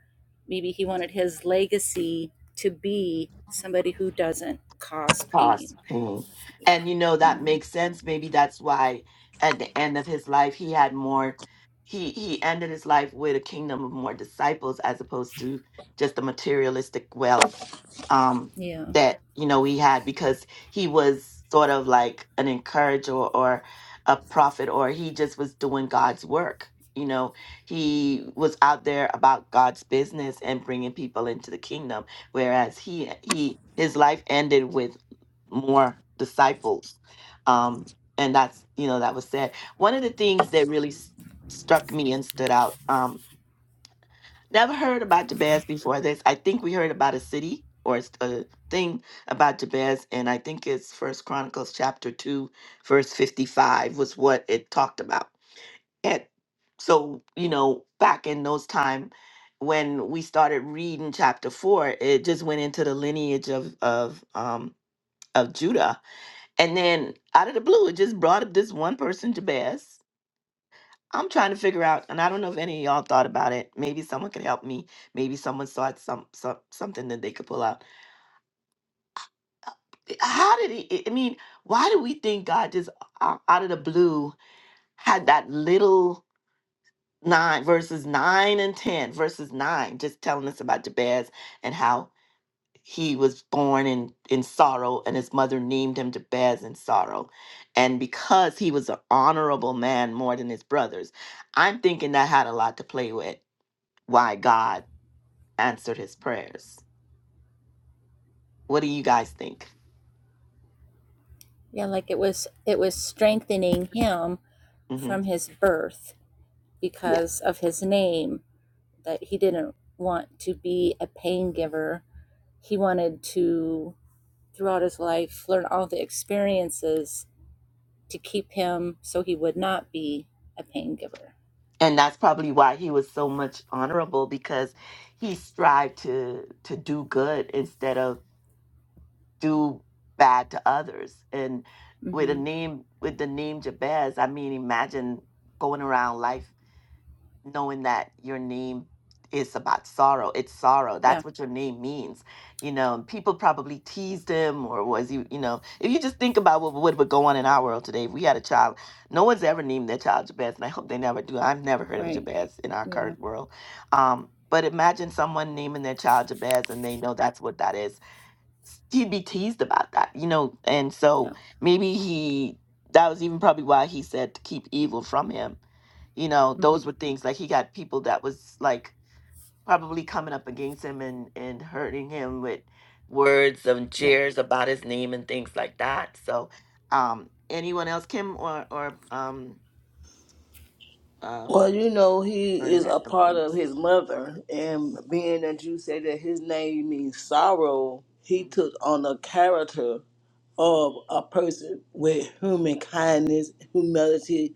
D: maybe he wanted his legacy to be somebody who doesn't cause pain
A: Right.
D: yeah
A: And you know that
D: yeah
A: makes sense. Maybe that's why at the end of his life he had more he he ended his life with a kingdom of more disciples as opposed to just a materialistic wealth um,
D: yeah
A: that you know he had because he was sort of like an encourager or a prophet or he just was doing God's work. You know, he was out there about God's business and bringing people into the kingdom, whereas he he his life ended with more disciples, um, and that's you know that was said. One of the things that really s- struck me and stood out. Um, Never heard about Jabez before this. I think we heard about a city or a s- a thing about Jabez, and I think it's First Chronicles chapter two, verse fifty-five was what it talked about. And so, you know, back in those time when we started reading chapter four, it just went into the lineage of of um of Judah, and then out of the blue, it just brought up this one person, Jabez, I'm trying to figure out, and I don't know if any of y'all thought about it. Maybe someone could help me. Maybe someone saw it some, some something that they could pull out. Uh, eh, How did he? I I mean, why do we think God just o- out of the blue had that little nine verses nine and ten verses nine, just telling us about Jabez and how he was born in in sorrow, and his mother named him Jabez in sorrow, and because he was an honorable man more than his brothers, I'm thinking that had a lot to play with why God answered his prayers. What do you guys think?
D: yeah. like it was it was strengthening him
A: hmm
D: from his birth because of his name that he didn't want to be a pain giver he wanted to throughout his life learn all the experiences to keep him so he would not be a pain giver
A: And that's probably why he was so much honorable because he strived to to do good instead of do bad to others. And
D: mm-hmm.
A: name with the name Jabez, I mean, imagine going around life knowing that your name is about sorrow. It's sorrow.
D: yeah
A: That's what your name means. You know, and people probably teased him or was you, you know, if you just think about what, what would go on in our world today, if we had a child, no one's ever named their child Jabez, and I hope they never do. I've never heard of
D: right
A: Jabez in our
D: yeah
A: current world. Um, but imagine someone naming their child Jabez and they know that's what that is he'd be teased about that, you know. And
D: yeah
A: so maybe he that was even probably why he said to keep evil from him. You know,
D: mm-hmm.
A: those were things like he got people that was like probably coming up against him and and hurting him with words and
D: yeah
A: jeers about his name and things like that. So, um, anyone else, Kim or or um um
C: Well, you know he is a
A: Bernadette? Oh,
C: part of
A: goodness.
C: his mother, and
A: Mhm,
C: being that you say that his name means sorrow, he
A: mhm,
C: took on the character of
A: mhm.
C: a person with human kindness, humility,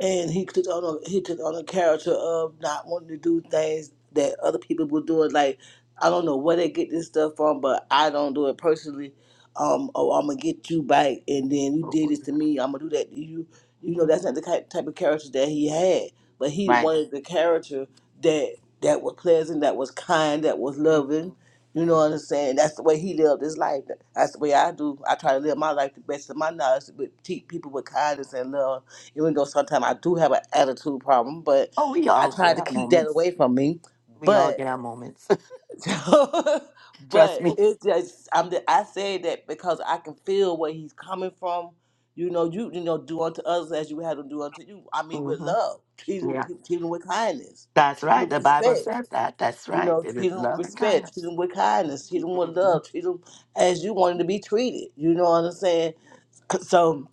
C: and he took on a, he took on a character of not wanting to do things that other people were doing. Like I don't know where they get this stuff from, but I don't do it personally. Um, oh, I'm gonna get you back, and then you
A: Oh, oh,
C: did
A: yeah.
C: this to me. I'm gonna do that to you. You know, that's not
A: Mhm.
C: the ki- type of character that he had. But he
A: Right.
C: wanted the character that that was pleasant, that was kind, that was loving.
A: Mhm.
C: You know what I'm saying? That's the way he lived his life. That's the way I do. I try to live my life the best of my knowledge, but treat people with kindness and love even though sometimes I do have an attitude problem, but
A: Oh, we
C: I
A: all
C: try
A: get
C: to
A: our
C: keep that
A: moments.
C: away from me.
A: We all
C: But
A: get our moments. Trust
C: but
A: me.
C: it's just I'm the, I say that because I can feel where he's coming from. You know, you you know, do unto others as you have them do unto you. I mean, with
A: hmm
C: love, treat them,
A: Yeah,
C: with- treat them with kindness,
A: that's
C: treat them
A: right.
C: with
A: The Bible
C: respect.
A: says that. That's
C: You
A: right.
C: know,
A: It is
C: treat them with
A: love and
C: respect, treat
A: kindness.
C: them with kindness, treat them with
A: hmm
C: love, treat them as you wanted to be treated. You know what I'm saying? So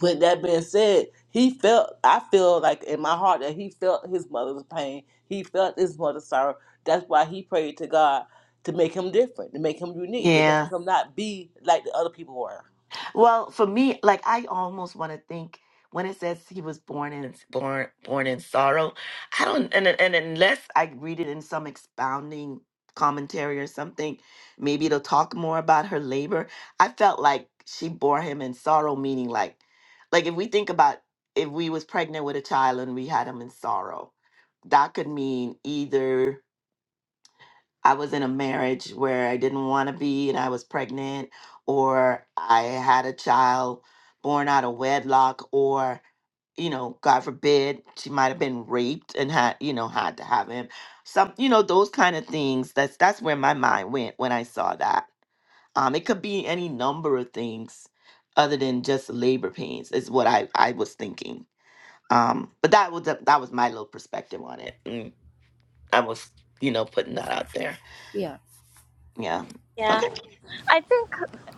C: with that being said, he felt, I feel like in my heart that he felt his mother's pain. He felt his mother's sorrow. That's why he prayed to God to make him different, to make him unique, to make
A: Yeah.
C: him not be like the other people were.
A: Well, for me, like I almost want to think when it says he was born in born born in sorrow. I don't, and and unless I read it in some expounding commentary or something, maybe it'll talk more about her labor. I felt like she bore him in sorrow, meaning like, like if we think about if we was pregnant with a child and we had him in sorrow, that could mean either. I was in a marriage where I didn't want to be and I was pregnant, or I had a child born out of wedlock, or, you know, God forbid, she might have been raped and had, you know, had to have him. Some, you know, those kind of things. That's that's where my mind went when I saw that. Um, it could be any number of things other than just labor pains, is what I, I was thinking. Um, but that was the- that was my little perspective on it. And I was, you know, putting that out there.
D: yeah
A: Yeah.
B: Yeah.
A: Okay.
B: I think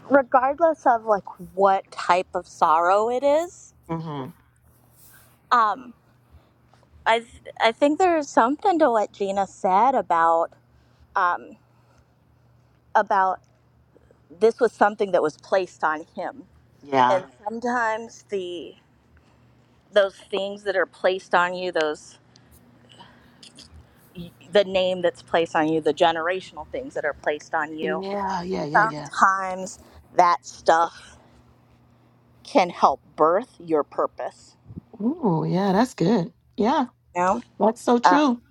B: regardless of like what type of sorrow it is,
A: hmm
B: um I th- I think there's something to what Gina said about um about this was something that was placed on him
A: Yeah.
B: and sometimes the those things that are placed on you those the name that's placed on you the generational things that are placed on you
A: Yeah. Yeah. Yeah. Yeah.
B: sometimes that stuff can help birth your purpose
A: Ooh, yeah. That's good. Yeah.
B: you know
A: That's so
B: um,
A: true.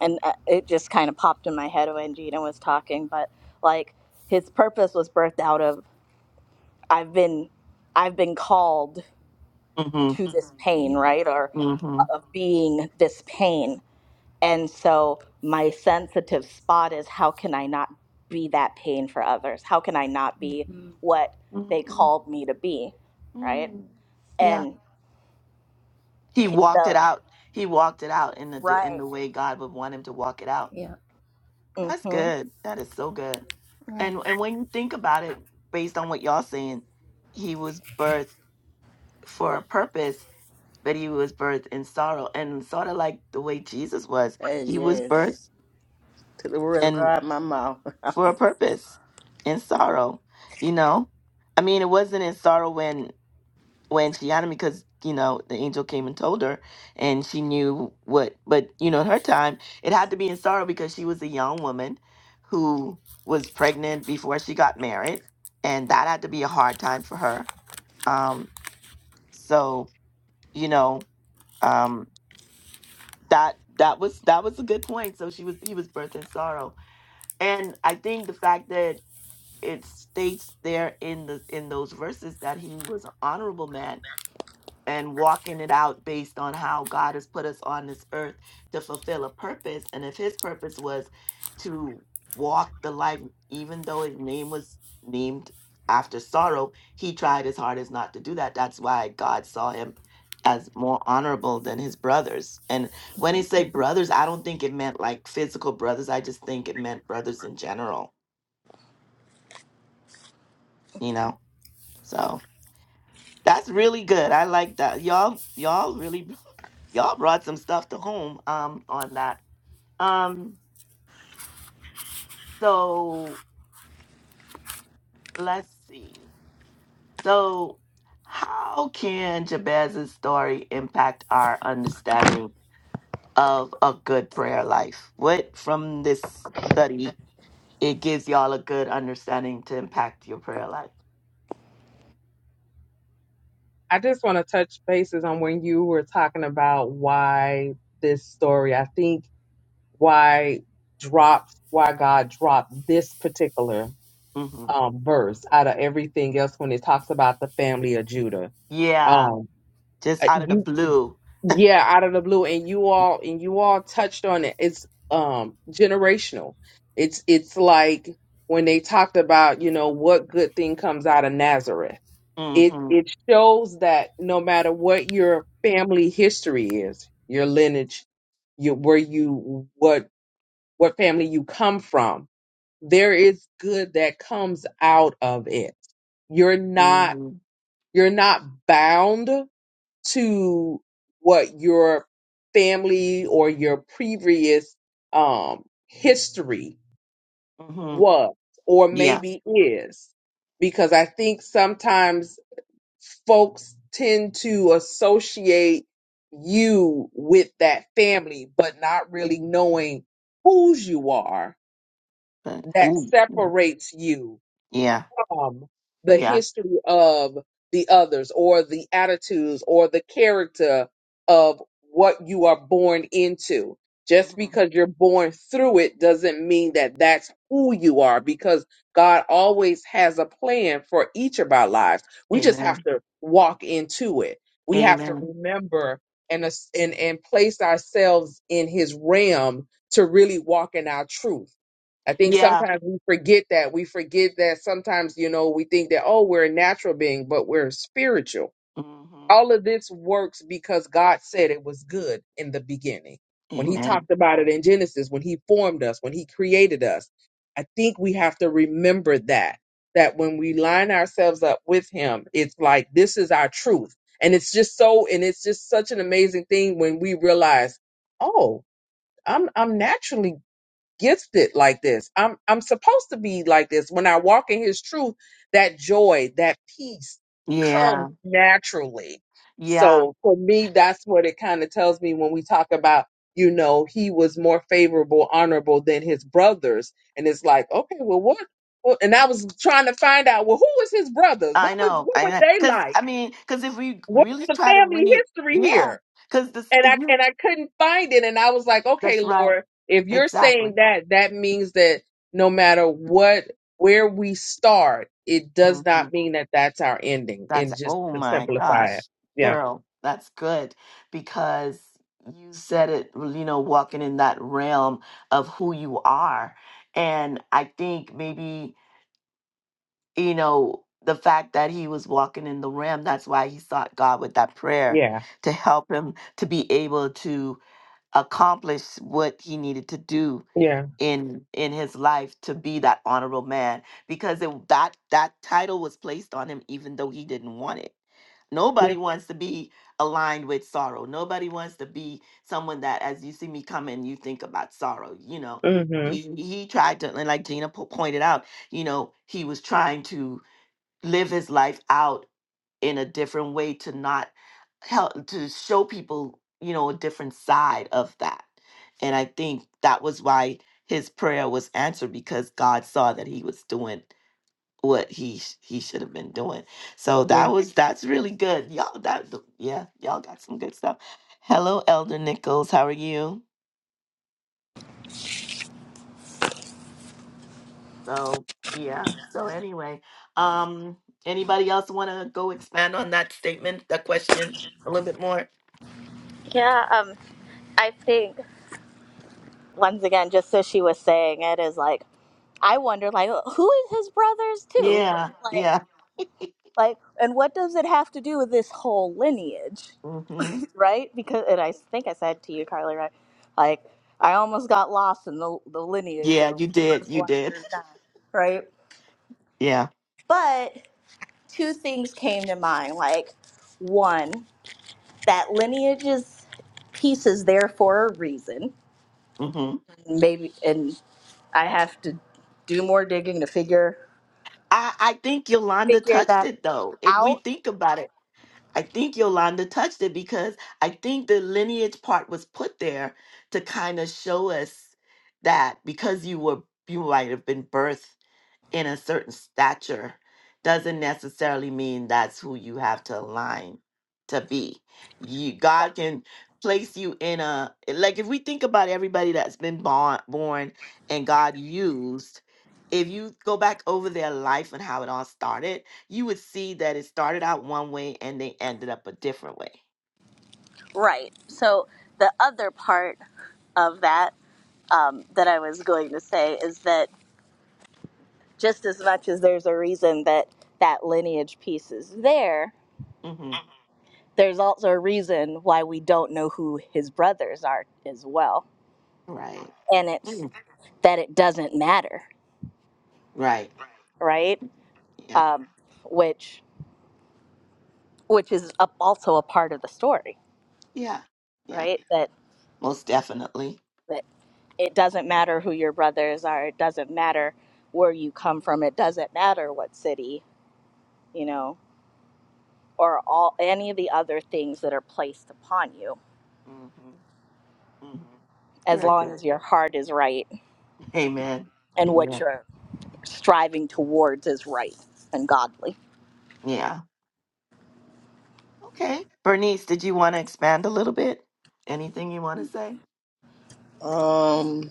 B: and uh, it just kind of popped in my head when gina was talking but like his purpose was birthed out of i've been i've been called
A: hmm
B: to this Mhm. pain
D: yeah
B: right or
A: hmm hmm
B: of being this pain And so my sensitive spot is how can I not be that pain for others? How can I not be
D: mm-hmm.
B: what they called me to be? Right.
A: mm Yeah.
B: And
A: He walked it
B: the
A: out. He walked it out in the in
B: right.
A: the way God would want him to walk it out.
D: yeah
A: That's
B: Mm-hmm.
A: good. That is so good.
B: Yeah.
A: And and when you think about it, based on what y'all saying, he was birthed for a purpose, but he was birthed in sorrow, and sort of like the way Jesus was.
C: And
A: He was
C: yes,
A: birthed
C: took the word
A: and
C: right out of my mouth.
A: for a purpose in sorrow, you know? I mean, it wasn't in sorrow when when she had him because, you know, the angel came and told her and she knew what but you know, in her time, it had to be in sorrow because she was a young woman who was pregnant before she got married and that had to be a hard time for her. Um so, you know, um that that was that was a good point. So she was he was birthed in sorrow. And I think the fact that it states there in the in those verses that he was an honorable man and walking it out based on how God has put us on this earth to fulfill a purpose and if his purpose was to walk the life even though his name was named after sorrow he tried his hardest not to do that that's why God saw him as more honorable than his brothers and when he say brothers I don't think it meant like physical brothers I just think it meant brothers in general you know so That's really good. I like that. Y'all, y'all really, y'all brought some stuff to home um, on that. Um, so let's see. So, how can Jabez's story impact our understanding of a good prayer life? What from this study it gives y'all a good understanding to impact your prayer life?
E: I just want to touch bases on when you were talking about why this story. I think why dropped why God dropped this particular
A: hmm
E: um, verse out of everything else when it talks about the family of Judah.
A: Yeah,
E: Um,
A: just
E: uh,
A: out of the
E: you,
A: blue.
E: yeah, out of the blue, and you all and you all touched on it. It's um generational. It's it's like when they talked about you know what good thing comes out of Nazareth.
A: mm
E: It
A: hmm
E: it shows that no matter what your family history is, your lineage, your where you what what family you come from, there is good that comes out of it. You're
A: mm
E: not
A: hmm
E: you're not bound to what your family or your previous um history
A: mm hmm
E: was or
A: Yeah.
E: maybe is because I think sometimes folks tend to associate you with that family but not really knowing whose you are
A: But
E: that
A: who?
E: separates you
A: Yeah.
E: from the
A: Yeah.
E: history of the others or the attitudes or the character of what you are born into. Just
A: hmm
E: because you're born through it doesn't mean that that's who you are because God always has a plan for each of our lives. We just have
A: Amen.
E: to walk into it. We have to
A: Amen.
E: remember and, as- and, and place ourselves in his realm to really walk in our truth I think
A: Yeah.
E: sometimes we forget that. We forget that sometimes, you know, we think that, oh, we're a natural being, but we're spiritual.
A: hmm
E: All of this works because God said it was good in the beginning. When He
A: Amen.
E: talked about it in Genesis, when He formed us, when He created us, I think we have to remember that. That when we line ourselves up with Him, it's like this is our truth. And it's just so, and it's just such an amazing thing when we realize, oh, I'm I'm naturally gifted like this. I'm I'm supposed to be like this. When I walk in his truth, that joy, that peace comes
A: Yeah.
E: naturally.
A: Yeah.
E: So for me, that's what it kind of tells me when we talk about, you know, he was more favorable, honorable than his brothers. And it's like, okay, well what well, and I was trying to find out, well, who was his brothers?
A: I
E: What was
A: know.
E: what
A: I
E: were
A: know.
E: they
A: Because,
E: like?
A: I mean, because if we
E: What's
A: really
E: the
A: try to
E: family
A: read,
E: history
A: yeah.
E: here?
A: Because this,
E: and
A: if
E: I
A: you,
E: and I couldn't find it. And I was like, okay,
A: that's right.
E: Lord, if you're
A: Exactly.
E: saying that, that means that no matter what where we start, it does
A: hmm
E: not mean that that's our ending.
A: That's,
E: And just
A: oh
E: to
A: my
E: simplify it,
A: gosh,
E: yeah,
A: girl, that's good. Because you said it, well, you know, walking in that realm of who you are. And I think maybe you know, the fact that he was walking in the rim, that's why he sought God with that prayer
E: yeah,
A: to help him to be able to accomplish what he needed to do
E: yeah,
A: in in his life to be that honorable man because it, that that title was placed on him even though he didn't want it nobody
E: yeah,
A: wants to be aligned with sorrow nobody wants to be someone that as you see me coming, you think about sorrow you know
E: mm-hmm,
A: he, he tried to and like gina po- pointed out you know he was trying to live his life out in a different way to not help to show people you know a different side of that and i think that was why his prayer was answered because god saw that he was doing what he sh- he should have been doing so
E: yeah.
A: that was that's really good y'all that th- yeah y'all got some good stuff hello elder nichols how are you so yeah so anyway um anybody else want to go expand on that statement that question a little bit more
B: yeah um, I think once again, just as she was saying it is like, I wonder like "Oh, who is his brothers too?
A: Yeah,
B: Like
A: yeah.
B: like and what does it have to do with this whole lineage?
A: hmm
B: right? Because, and I think I said to you, Carly, right? Like, I almost got lost in the, the lineage
A: Yeah,
B: of
A: you did.
B: where's the
A: You
B: one
A: did.
B: through nine, right?
A: Yeah.
B: But two things came to mind. Like, one, that lineage's piece is there for a reason.
A: hmm
B: Maybe, and I have to do more digging to figure
A: I, I think Yolanda
B: figure
A: touched
B: that
A: it though. If we
B: out.
A: think about it, I think Yolanda touched it because I think the lineage part was put there to kind of show us that because you were you might have been birthed in a certain stature doesn't necessarily mean that's who you have to align to be. You God can place you in a like if we think about everybody that's been born born and God used if you go back over their life and how it all started, you would see that it started out one way and they ended up a different way.
B: Right. So the other part of that um, that I was going to say is that just as much as there's a reason that that lineage piece is there,
A: hmm
B: there's also a reason why we don't know who his brothers are as well.
A: Right.
B: And it's
A: Mhm.
B: that it doesn't matter,
A: Right.
B: right?
A: Yeah.
B: Um, which which is a, also a part of the story,
A: Yeah. Yeah.
B: right? That
A: Most definitely.
B: that it doesn't matter who your brothers are. It doesn't matter where you come from. It doesn't matter what city, you know, or all any of the other things that are placed upon you,
A: hmm hmm
B: as
A: Very
B: long
A: good.
B: as your heart is right
A: Amen.
B: and what
A: Amen.
B: you're striving towards is right and godly.
A: Yeah. Okay. Bernice, did you want to expand a little bit? Anything you want to say?
C: Um,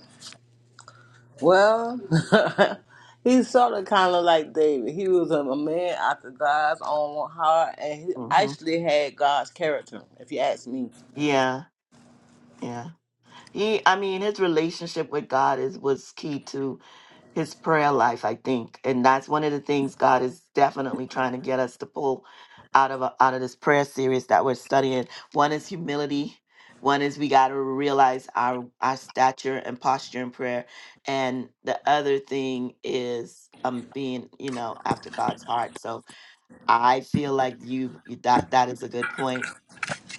C: well, he's sort of kind of like David. He was a a man after God's own heart, and he
A: hmm
C: actually had God's character, if you ask me.
A: Yeah. Yeah. He, I mean, his relationship with God is was key to his prayer life, I think, and that's one of the things God is definitely trying to get us to pull out of out of this prayer series that we're studying. One is humility. One is we got to realize our our stature and posture in prayer, and the other thing is um being you know after God's heart. So I feel like you that that is a good point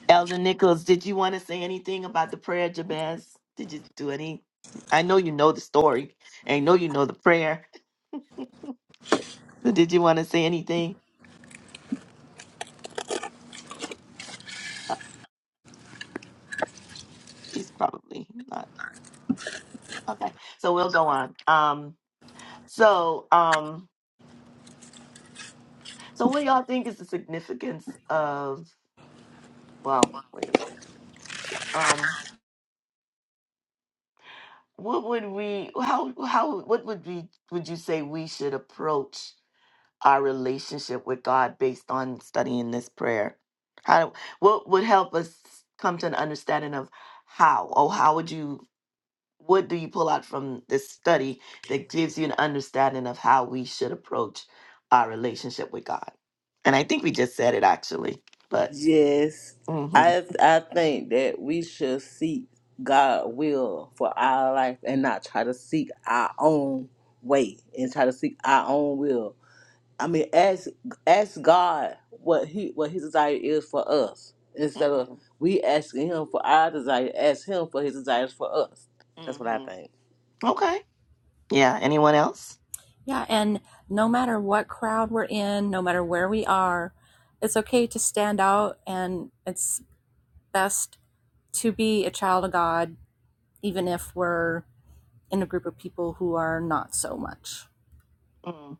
A: Elder Nichols, did you want to say anything about the prayer, Jabez? Did you do any? I know you know the story. I know you know the prayer. But did you want to say anything? Uh, She's probably not. Okay, so we'll go on. Um, so, um, so what y'all think is the significance of? Well, wait a minute. Um, what would we? How? How? What would we? Would you say we should approach? our relationship with God based on studying this prayer? How what would help us come to an understanding of how? Oh, how would you what do you pull out from this study that gives you an understanding of how we should approach our relationship with God? And I think we just said it actually, but
C: Yes,
A: mhm.
C: I I think that we should seek God will for our life and not try to seek our own way and try to seek our own will. I mean, ask ask God what he what His desire is for us instead of
A: Mhm.
C: we asking Him for our desire. Ask Him for His desires for us. That's what I
A: Mhm.
C: think.
A: Okay. Yeah, anyone else?
D: Yeah, and no matter what crowd we're in, no matter where we are, it's okay to stand out and it's best to be a child of God, even if we're in a group of people who are not so much.
A: Mm.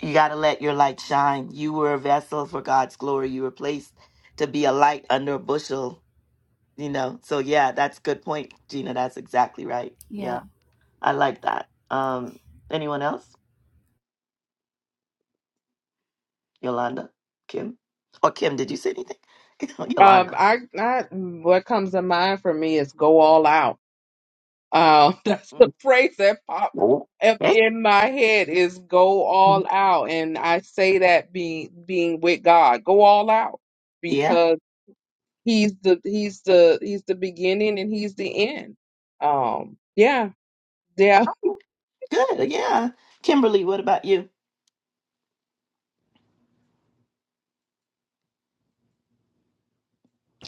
A: You got to let your light shine. You were a vessel for God's glory. You were placed to be a light under a bushel you know so yeah that's a good point gina that's exactly right
D: Yeah,
A: i like that um anyone else yolanda kim or kim did you say anything
E: Um,
A: yolanda
E: I, I, what comes to mind for me is go all out. Um, that's the
A: Mm,
E: phrase that popped up
A: okay
E: in my head is go
A: Mhm.
E: all out, and I say that being being with God, go all out
A: yeah
E: because he's the he's the he's the beginning and he's the end. Um, yeah, yeah.
A: Oh, good yeah kimberly what about you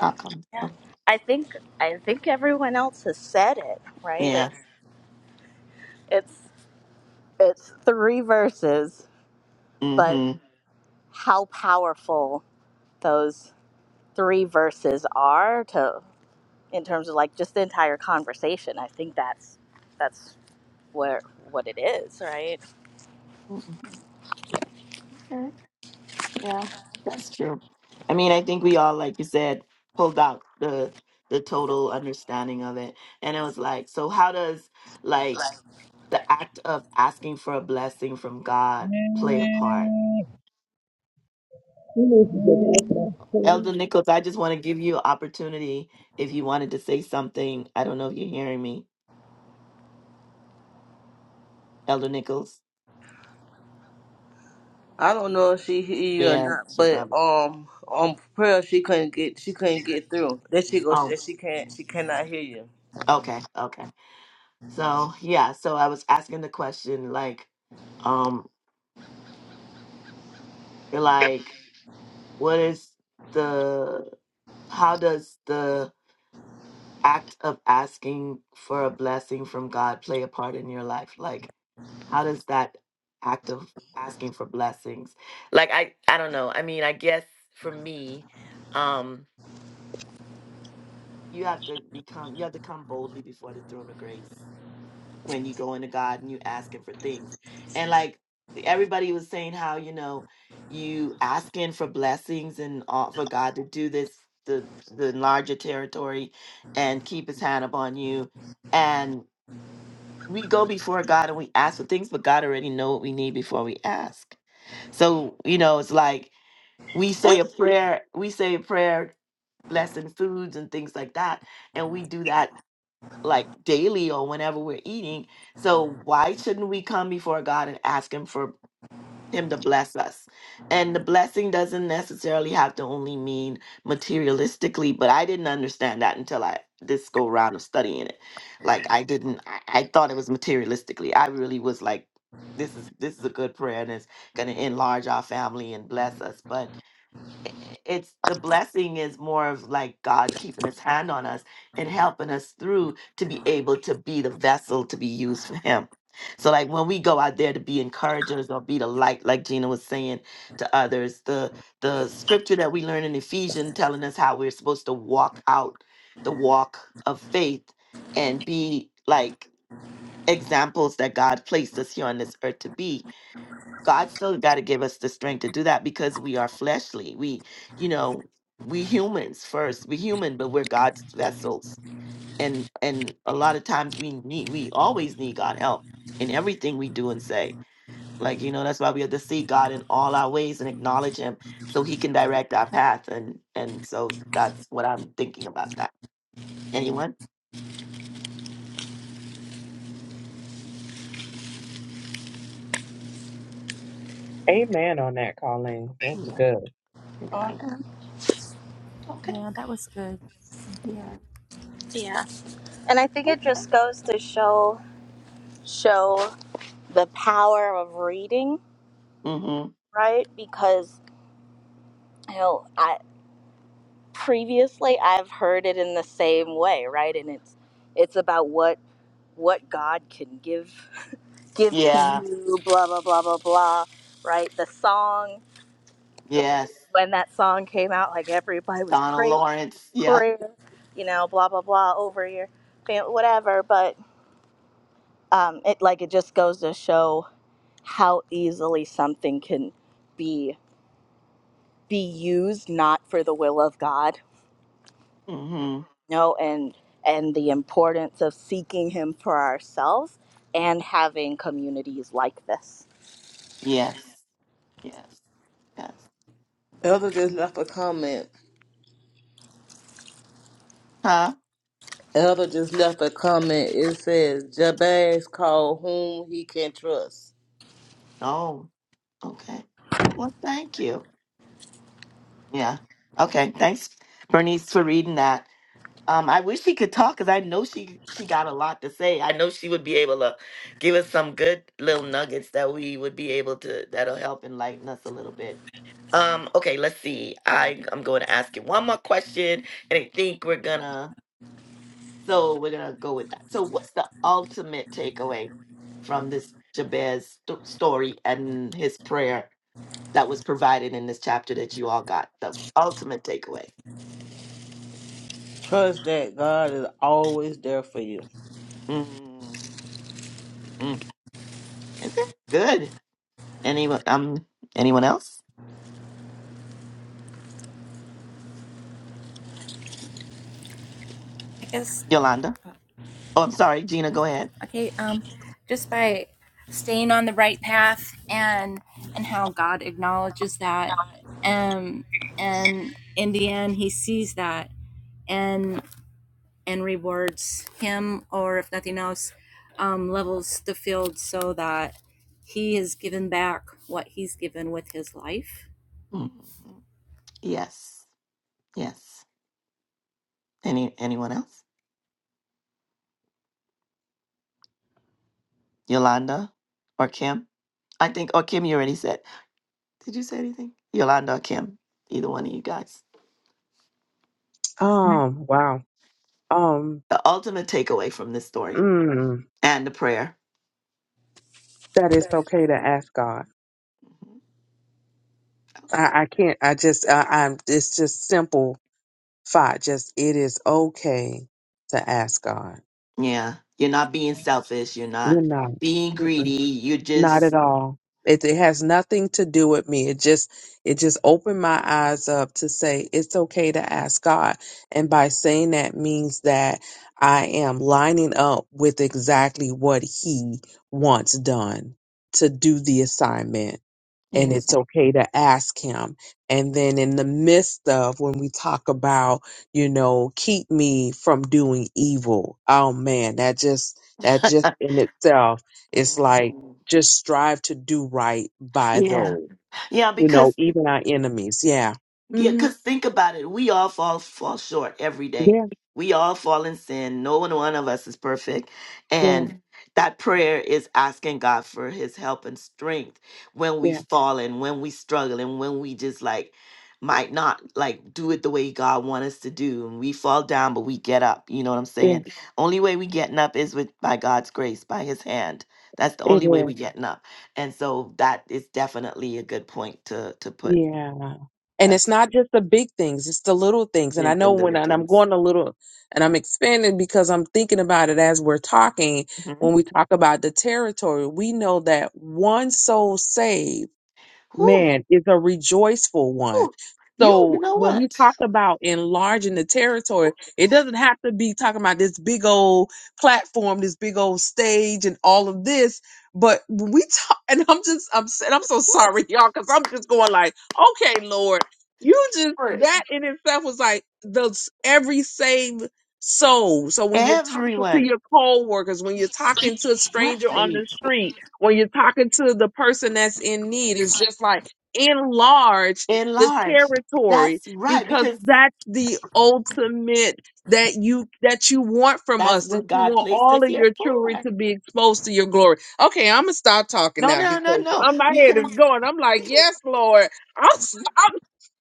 A: i'll come
B: Yeah,
A: oh,
B: I think I think everyone else has said it, right? It
A: yeah
B: it's it's three verses,
A: mm
B: but how powerful those three verses are to in terms of like just the entire conversation. I think that's that's where what it is, right?
A: hmm okay Yeah, that's true. I mean, I think we all, like you said, pulled out the the total understanding of it, and it was like, so how does like the act of asking for a blessing from God play a part?
F: You need to get out of my
A: Elder Nichols, I just want to give you opportunity if you wanted to say something. I don't know if you're hearing me, Elder Nichols.
C: I don't know if she hear you or
A: Yeah,
C: not,
A: should
C: but
A: probably.
C: um, on prayer she couldn't get she couldn't get through. There she goes.
A: Oh,
C: She, she can't she cannot hear you.
A: okay, okay. So yeah, so I was asking the question like, um, like. What is the how does the act of asking for a blessing from God play a part in your life? Like, how does that act of asking for blessings? Like, I, I don't know. I mean, I guess for me, um, you have to become, you have to come boldly before the throne of grace. when you go into God and you asking for things. And like everybody was saying how, you know, you asking for blessings and all, for God to do this the the larger territory and keep his hand upon you. And we go before God and we ask for things, but God already know what we need before we ask. So, you know, it's like we say a prayer, we say a prayer, blessing foods and things like that. And we do that like daily or whenever we're eating. So why shouldn't we come before God and ask him for him to bless us? And the blessing doesn't necessarily have to only mean materialistically, but I didn't understand that until I this go round of studying it. Like I didn't I, I thought it was materialistically. I really was like this is this is a good prayer and it's gonna enlarge our family and bless us. But i- it's the blessing is more of like God keeping his hand on us and helping us through to be able to be the vessel to be used for him. So like when we go out there to be encouragers or be the light, like Gina was saying to others, the the scripture that we learn in Ephesians telling us how we're supposed to walk out the walk of faith and be like examples that God placed us here on this earth to be God still got to give us the strength to do that because we are fleshly. We, you know, we humans first. We human, but we're God's vessels. And and a lot of times we need we always need God help in everything we do and say. Like, you know, that's why we have to see God in all our ways and acknowledge him so he can direct our path. And and so that's what I'm thinking about that. Anyone?
E: Amen on that, Colleen. That's
A: Yeah.
E: good.
A: yeah.
B: Mhm.
A: Okay.
D: yeah, that was good. Thank you.
B: Yeah. And I think it just goes to show show the power of reading,
A: Mm-hmm.
B: right? Because Hell, I previously I've heard it in the same way, right? And it's it's about what what God can give give to
A: Yeah.
B: you, blah blah blah blah blah, right? The song
A: Yes.
B: when that song came out, like everybody was
A: Donald
B: praying
A: Lawrence. Yeah.
B: prayer, you know, blah blah blah over your family, whatever. But um, it like it just goes to show how easily something can be be used not for the will of God
A: Mm-hmm.
B: you know and and the importance of seeking him for ourselves and having communities like this
A: Yes. Yes. Yes.
C: Elder
A: Okay.
C: just left a comment.
A: Huh?
C: Elder just left a comment. It says, Jabez called whom he can trust.
A: Oh, okay. Well, thank you. Yeah. Okay. Thanks, Bernice, for reading that. Um, I wish she could talk because I know she she got a lot to say. I know she would be able to give us some good little nuggets that we would be able to that'll help enlighten us a little bit. Um, okay, let's see. I I'm going to ask you one more question, and I think we're gonna So we're gonna go with that. So what's the ultimate takeaway from this Jabez st- story and his prayer that was provided in this chapter that you all got? The ultimate takeaway.
C: Trust that God is always there for you.
A: mm mm. Okay, good. Anyone? Um, anyone else?
D: I guess,
A: Yolanda.
D: uh,
A: Oh, I'm sorry, Gina. Go ahead.
D: okay, um, just by staying on the right path and and how God acknowledges that, um, and in the end, He sees that, and. and rewards him, or if nothing else, um, levels the field so that he is given back what he's given with his life.
A: Mhm. Yes, yes. Any anyone else? Yolanda or Kim? I think or Kim. You already said. Did you say anything? Yolanda or Kim? Either one of you guys.
E: Um, wow. Um,
A: The ultimate takeaway from this story
E: mm,
A: and the prayer.
E: that is okay to ask God.
A: Mhm. Okay.
E: I, I can't. I just. I, I'm. It's just simple thought. Just it is okay to ask God.
A: Yeah. You're not being selfish. You're not
E: You're
A: being
E: not.
A: greedy. you
E: Not at
A: just.
E: all. It, it has nothing to do with me. It just it just opened my eyes up to say it's okay to ask God. And by saying that means that I am lining up with exactly what he wants done to do the assignment and
A: Amen.
E: it's okay to ask him. And then in the midst of when we talk about, you know, keep me from doing evil. Oh man, that just that just in itself is like
A: Mhm.
E: just strive to do right by
A: Yeah.
E: those,
A: Yeah.
E: you
A: Because
E: know, even our enemies. Yeah.
A: Yeah,
E: hmm
A: because think about it. We all fall fall short every day.
E: Yeah.
A: We all fall in sin. No one one of us is perfect.
E: Yeah.
A: And that prayer is asking God for his help and strength when we
E: Yeah.
A: fall and when we struggle and when we just like might not like do it the way God wants us to do. And we fall down, but we get up. You know what I'm
E: Yeah.
A: saying? Only way we getting up is with by God's grace, by his hand. That's the
E: It
A: only
E: is.
A: way we getting up. And so that is definitely a good point to to put.
E: Yeah. And it's
A: That's
E: not just the big things, it's the little things. And I
A: and the
E: know
A: little
E: when, and I'm
A: things.
E: going a little, and I'm expanding because I'm thinking about it as we're talking.
A: hmm
E: When we talk about the territory, we know that one soul saved
A: Ooh,
E: man is a rejoiceful one.
A: ooh, you, you
E: So
A: know
E: when we
A: what?
E: talk about enlarging the territory, it doesn't have to be talking about this big old platform, this big old stage, and all of this. But when we talk, and I'm just upset. I'm so sorry, y'all, because I'm just going like, okay, Lord, you just
A: For
E: that in itself was like those every saved soul. So when you're talking to
A: everyone,
E: your coworkers, when you're talking to a
A: right?
E: stranger on the street, when you're talking to the person that's in need it's just like enlarge the
A: Enlarge.
E: territory
A: That's right,
E: because
A: because
E: that's the ultimate that you that you want from
A: that's
E: us that
A: what
E: you
A: God
E: want
A: placed
E: all
A: us
E: of
A: here
E: your
A: for.
E: jewelry to be exposed to your glory okay i'm gonna stop talking
A: No,
E: now
A: no, no,
E: because
A: no.
E: uh, my head
A: Because
E: is going i'm like yes lord i'm s- i'm,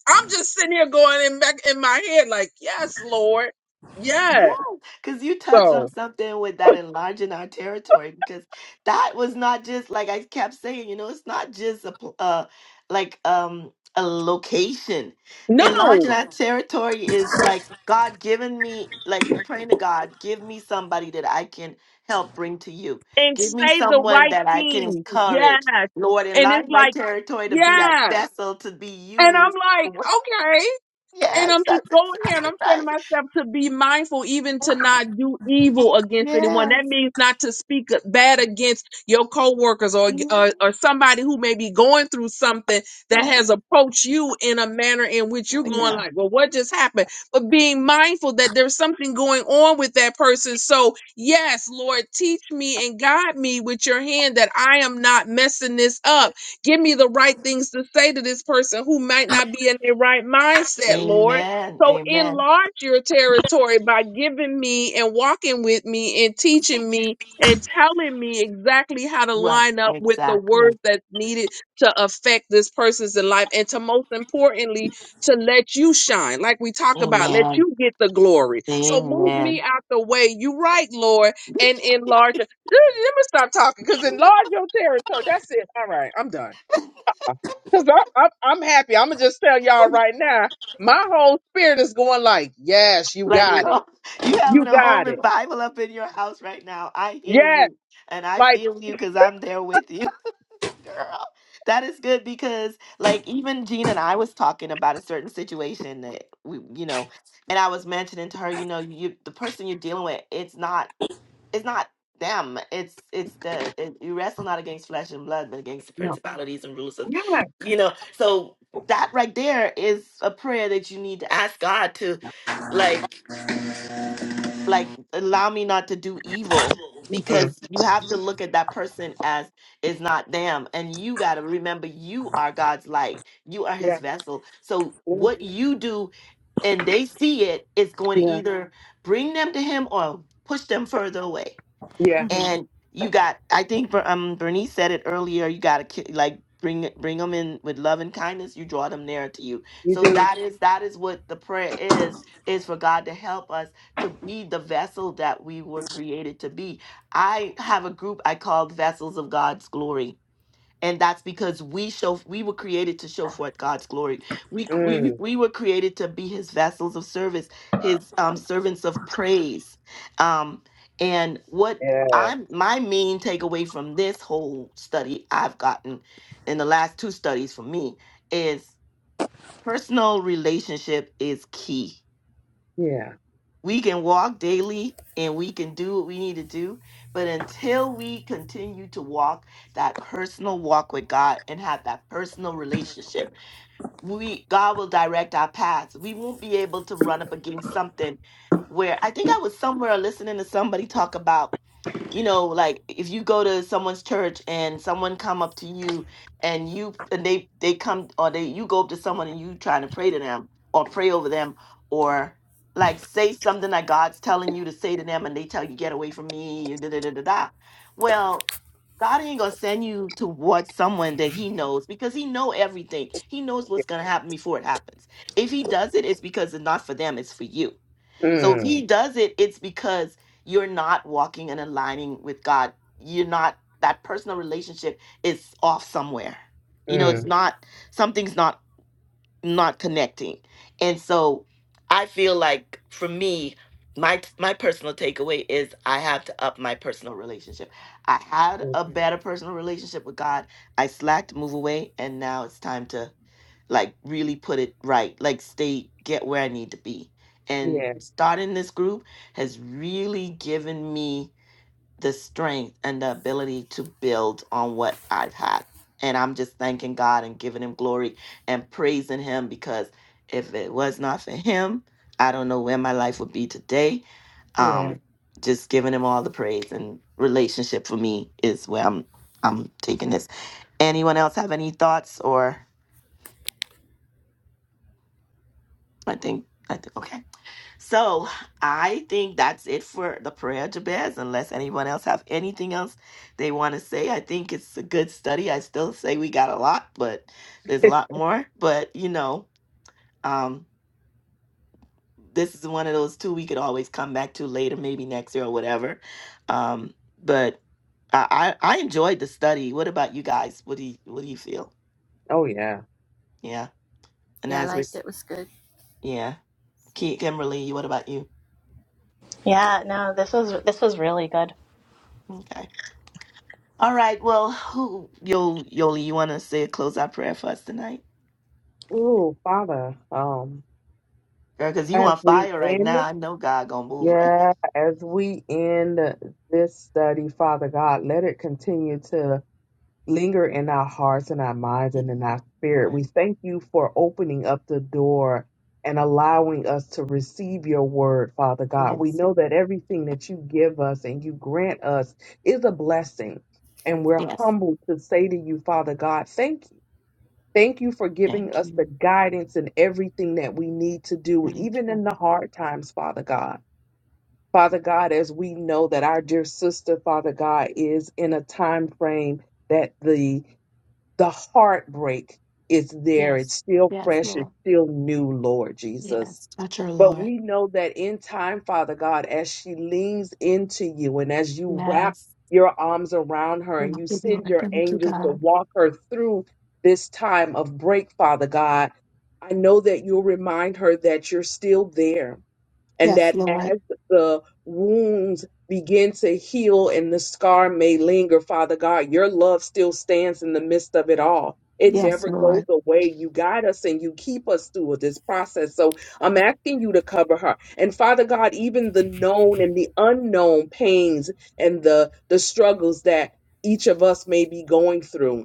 E: I'm just sitting here going in back in my head like yes lord yes
A: Because you touched on
E: so
A: something with that enlarging our territory, because that was not just like I kept saying, you know, it's not just a pl- uh, like um a location.
E: no
A: Enlarging our territory is like God giving me, like you praying to God, give me somebody that I can help bring to you.
E: and
A: Give me
E: say the
A: someone
E: right
A: that I can
E: thing.
A: encourage.
E: Yes.
A: Lord,
E: And
A: enlarge
E: it's
A: my
E: like,
A: territory to be that
E: yes.
A: vessel to be
E: And I'm
A: used.
E: like, okay. And I'm
A: Yes,
E: just
A: that's
E: going here and
A: exactly
E: I'm saying to
A: right.
E: myself to be mindful, even to not do evil against anyone.
A: Yes.
E: That means not to speak bad against your coworkers or, or,
A: Mm-hmm.
E: or somebody who may be going through something that
A: Yes.
E: has approached you in a manner in which you're
A: Oh,
E: going
A: yeah.
E: like, well, what just happened? But being mindful that there's something going on with that person. So yes, Lord, teach me and guide me with your hand that I am not messing this up Give me the right things to say to this person who might not be in their right mindset, Lord.
A: Amen.
E: So
A: Amen.
E: enlarge your territory by giving me and walking with me and teaching me and telling me exactly how to
A: What?
E: line up with the words
A: Exactly.
E: that's needed to affect this person's life and to most importantly to let you shine like we talk about let
A: Amen.
E: you get the glory so move me
A: Amen.
E: out the way you right lord and enlarge let me stop talking because enlarge your territory that's it all right i'm done Cause I'm, I'm I'm happy. I'm gonna just tell y'all right now. My whole spirit is going like, yes, you
A: like,
E: got it.
A: Lord, you
E: You
A: having a whole
E: got it.
A: revival up in your house right now. I hear
E: Yes,
A: you and I
E: like
A: feel you because I'm there with you, girl. That is good because, like, even Gene and I was talking about a certain situation that we, you know, and I was mentioning to her, you know, you the person you're dealing with, it's not. it's not them. It's it's the it, you wrestle not against flesh and blood, but against the
E: no.
A: principalities and rulers of,
E: Yeah.
A: you know. So that right there is a prayer that you need to ask God to, like like allow me not to do evil
E: Mm.
A: because you have to look at that person as is not them and you got to remember you are God's light you are his
E: Yeah.
A: vessel so
E: Mm.
A: what you do and they see it it's going to
E: Yeah.
A: either bring them to him or push them further away
E: Yeah.
D: Mm-hmm.
A: you got i think Ber- um bernice said it earlier you got to like bring it- bring them in with love and kindness you draw them nearer to you
E: You
A: so
E: do.
A: that is that is what the prayer is is for god to help us to be the vessel that we were created to be i have a group i called vessels of god's glory and that's because we show we were created to show forth God's glory. We c- we
E: Mm.
A: we were created to be His vessels of service, His um, servants of praise. Um, and what
E: Yeah.
A: I'm my main takeaway from this whole study I've gotten in the last two studies for me is personal relationship is key
E: Yeah.
A: we can walk daily and we can do what we need to do but until we continue to walk that personal walk with god and have that personal relationship we god will direct our paths we won't be able to run up against something where i think i was somewhere listening to somebody talk about you know like if you go to someone's church and someone come up to you and you and they they come or they you go up to someone and you trying to pray to them or pray over them or like say something that god's telling you to say to them and they tell you get away from me you da da da da da well god ain't gonna send you towards someone that he knows because he know everything he knows what's gonna happen before it happens if he does it it's because it's not for them it's for you so if he
E: Mm.
A: does it, it's because you're not walking and aligning with God. You're not that personal relationship is off somewhere. You know, it's Mhm.
E: Mm.
A: not something's not not connecting. And so I feel like for me, my my personal takeaway is I have to up my personal relationship. I had
E: Mm.
A: a better personal relationship with God. I slacked, move away, and now it's time to like really put it right, like stay, get where I need to be. And
E: Yeah.
A: starting this group has really given me the strength and the ability to build on what I've had. And I'm just thanking God and giving him glory and praising him because if it was not for him, I don't know where my life would be today.
E: Yeah.
A: Um, just giving him all the praise and relationship for me is where I'm I'm taking this. Anyone else have any thoughts or I think I think okay. So I think that's it for the prayer, Jabez, unless anyone else have anything else they want to say. I think it's a good study. I still say we got a lot, but there's a lot more. But you know, um, this is one of those two we could always come back to later, maybe next year or whatever. Um, but I, I I enjoyed the study. What about you guys? What do you what do you feel?
E: Oh yeah.
A: Yeah, yeah. Ki- Kimberly, what about you?
B: Yeah, no, this was this was really good.
A: Okay. All right. Well, who, Yo, Yoli, you want to say a closeout prayer for us tonight?
E: Ooh, Father. Um,
A: Girl, because you
E: as
A: on
E: we
A: fire right
E: end,
A: now. I know God going to move right
E: yeah, as we end this study, Father God, let it continue to linger in our hearts and our minds and in
A: now.
E: our spirit.
A: Lord.
E: We thank you for opening up the door and allowing us to receive your word, Father God. We
A: Yes.
E: know that everything that you give us and you grant us is a blessing. And we're
A: Yes.
E: humbled to say to you, Father God, thank you. Thank you for giving
A: Thank
E: us
A: you.
E: the guidance and everything that we need to do,
A: Thank
E: even
A: you.
E: in the hard times, Father God. Father God, as we know that our dear sister, Father God, is in a time frame that the the heartbreak is there. It's
A: Yes.
E: still
A: Yes,
E: fresh.
A: Lord.
E: It's still new, Lord Jesus.
A: Yes. Touch her,
E: But
A: Lord.
E: we know that in time, Father God, as she leans into you and as you wrap
A: Yes.
E: your arms around her
A: Thank
E: and you
A: you,
E: send
A: Lord.
E: your
A: Thank you,
E: angels to
A: God.
E: walk her through this time of break, Father God, I know that you'll remind her that you're still there and
A: Yes,
E: that
A: Lord.
E: as the wounds begin to heal and the scar may linger, Father God, your love still stands in the midst of it all. It
A: Yes,
E: never goes
A: Lord.
E: away. You guide us and you keep us through this process. So I'm asking you to cover her. And Father God, even the known and the unknown pains and the, the struggles that each of us may be going through.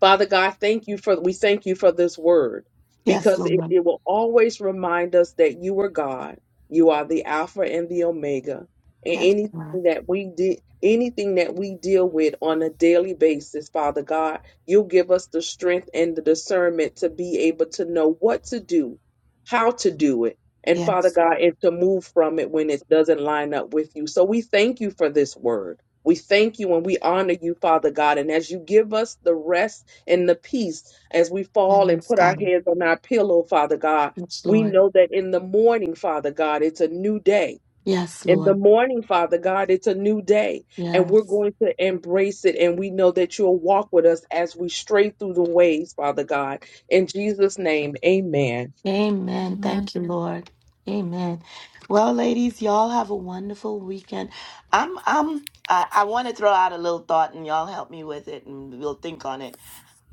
E: Father God, thank you for we thank you for this word
A: Yes,
E: because it,
A: Lord.
E: it will always remind us that you are God. You are the Alpha and the Omega. And
A: Yes, Lord.
E: anything that we did anything that we deal with on a daily basis, Father God, you'll give us the strength and the discernment to be able to know what to do, how to do it, and Father
A: Yes.
E: God, and to move from it when it doesn't line up with you. So we thank you for this word. We thank you and we honor you, Father God. And as you give us the rest and the peace as we fall and
A: Yes,
E: put our
A: God.
E: heads on our pillow, Father God.
A: Yes,
E: We
A: Lord.
E: know that in the morning, Father God, it's a new day.
A: Yes,
E: In the
A: Lord.
E: morning, Father God, it's a new day, and we're
A: Yes.
E: going to embrace it. And we know that you'll walk with us as we stray through the ways, Father God. In Jesus' name, amen.
A: Amen.
D: Amen.
A: you, Lord. Amen. Well, ladies, y'all have a wonderful weekend. I'm I'm I, I want to throw out a little thought and y'all help me with it and we'll think on it.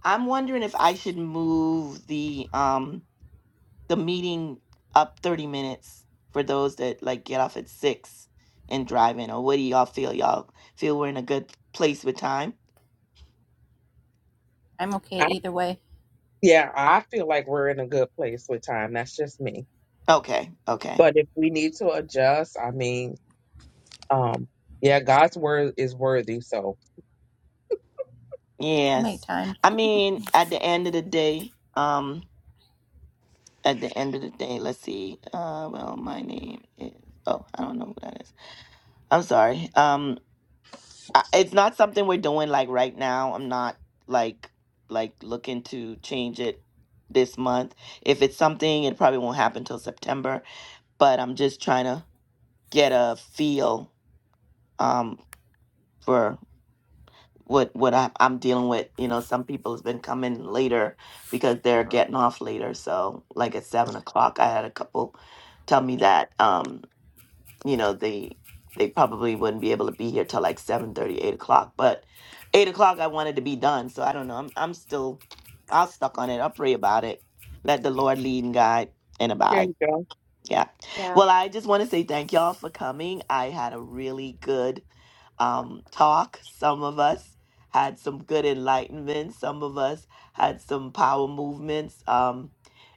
A: I'm wondering if I should move the um the meeting up 30 minutes for those that like get off at 6 and drive in or what do y'all feel y'all feel we're in a good place with time?
D: I'm okay
E: I,
D: either way.
E: yeah, I feel like we're in a good place with time. That's just me.
A: Okay. Okay.
E: But if we need to adjust, I mean, Um, yeah, God's word is worthy. So
D: I'll
A: Yes.
D: make time.
A: At the end of the day, um. at the end of the day, let's see. Uh, well, my name is. Oh, I don't know who that is. I'm sorry. Um, I, it's not something we're doing like right now. I'm not like like looking to change it this month. If it's something, it probably won't happen till September. But I'm just trying to get a feel um for what what I, I'm dealing with. You know, some people has been coming later because they're getting off later. So like at seven o'clock, I had a couple tell me that. Um, you know they they probably wouldn't be able to be here till like seven thirty eight o'clock but 8 o'clock i wanted to be done so i don't know i'm, I'm still i'll stuck on it i'll pray about it let the lord lead and guide and
E: there
A: abide
E: you go.
A: yeah
B: yeah
A: well i just want to say thank y'all for coming i had a really good um talk some of us had some good enlightenment some of us had some power movements um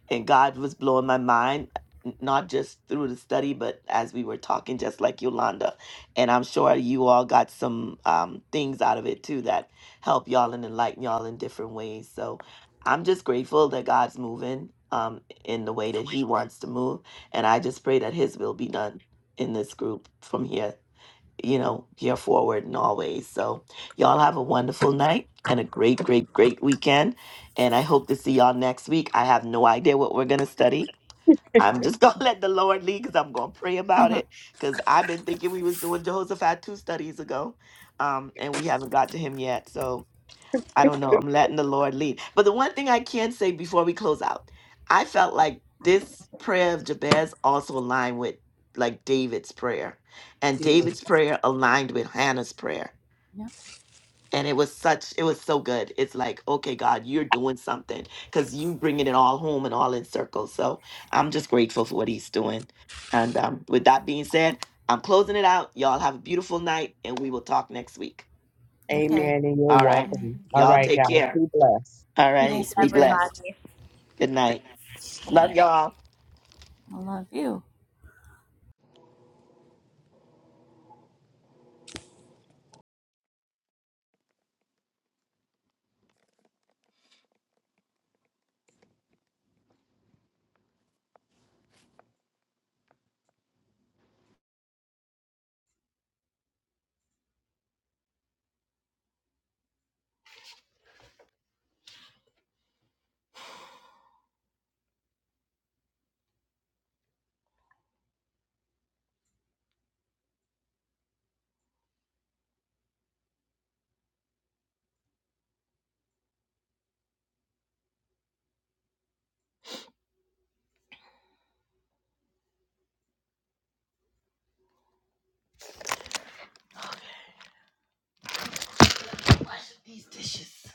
A: and God was blowing my mind, n- not just through the study, but as we were talking, just like Yolanda. And I'm sure you all got some um, things out of it too that help y'all and enlighten y'all in different ways. So I'm just grateful that God's moving um, in the way that He wants to move. And I just pray that His will be done in this group from here you know, you're forward and always. So, y'all have a wonderful night and a great, great, great weekend. And I hope to see y'all next week. I have no idea what we're going to study. I'm just going to let the Lord lead because I'm going to pray about it
D: Mm-hmm.
A: because I've been thinking we was doing Jehoshaphat two studies ago. Um, and we haven't got to him yet. I don't know. I'm letting the Lord lead. But the one thing I can say before we close out, I felt like this prayer of Jabez also aligned with like David's prayer. And
E: Mm,
A: David's prayer aligned with Hannah's prayer. And it was such, it was so good. It's like, okay, God, you're doing something because you bringing it all home and all in circles. So I'm just grateful for what he's doing. And um, with that being said, I'm closing it out. Y'all have a beautiful night and we will talk next week.
D: okay.
E: Amen. And you're
A: All right.
D: Mm, Have
E: welcome. All
A: Y'all
B: And
E: right,
A: take
E: guys.
A: care.
E: Be blessed.
A: All
D: a
A: right.
D: nice weekend.
B: everybody.
A: Good night.
D: Good
A: Love
D: night.
A: y'all.
D: I love you.
A: These dishes.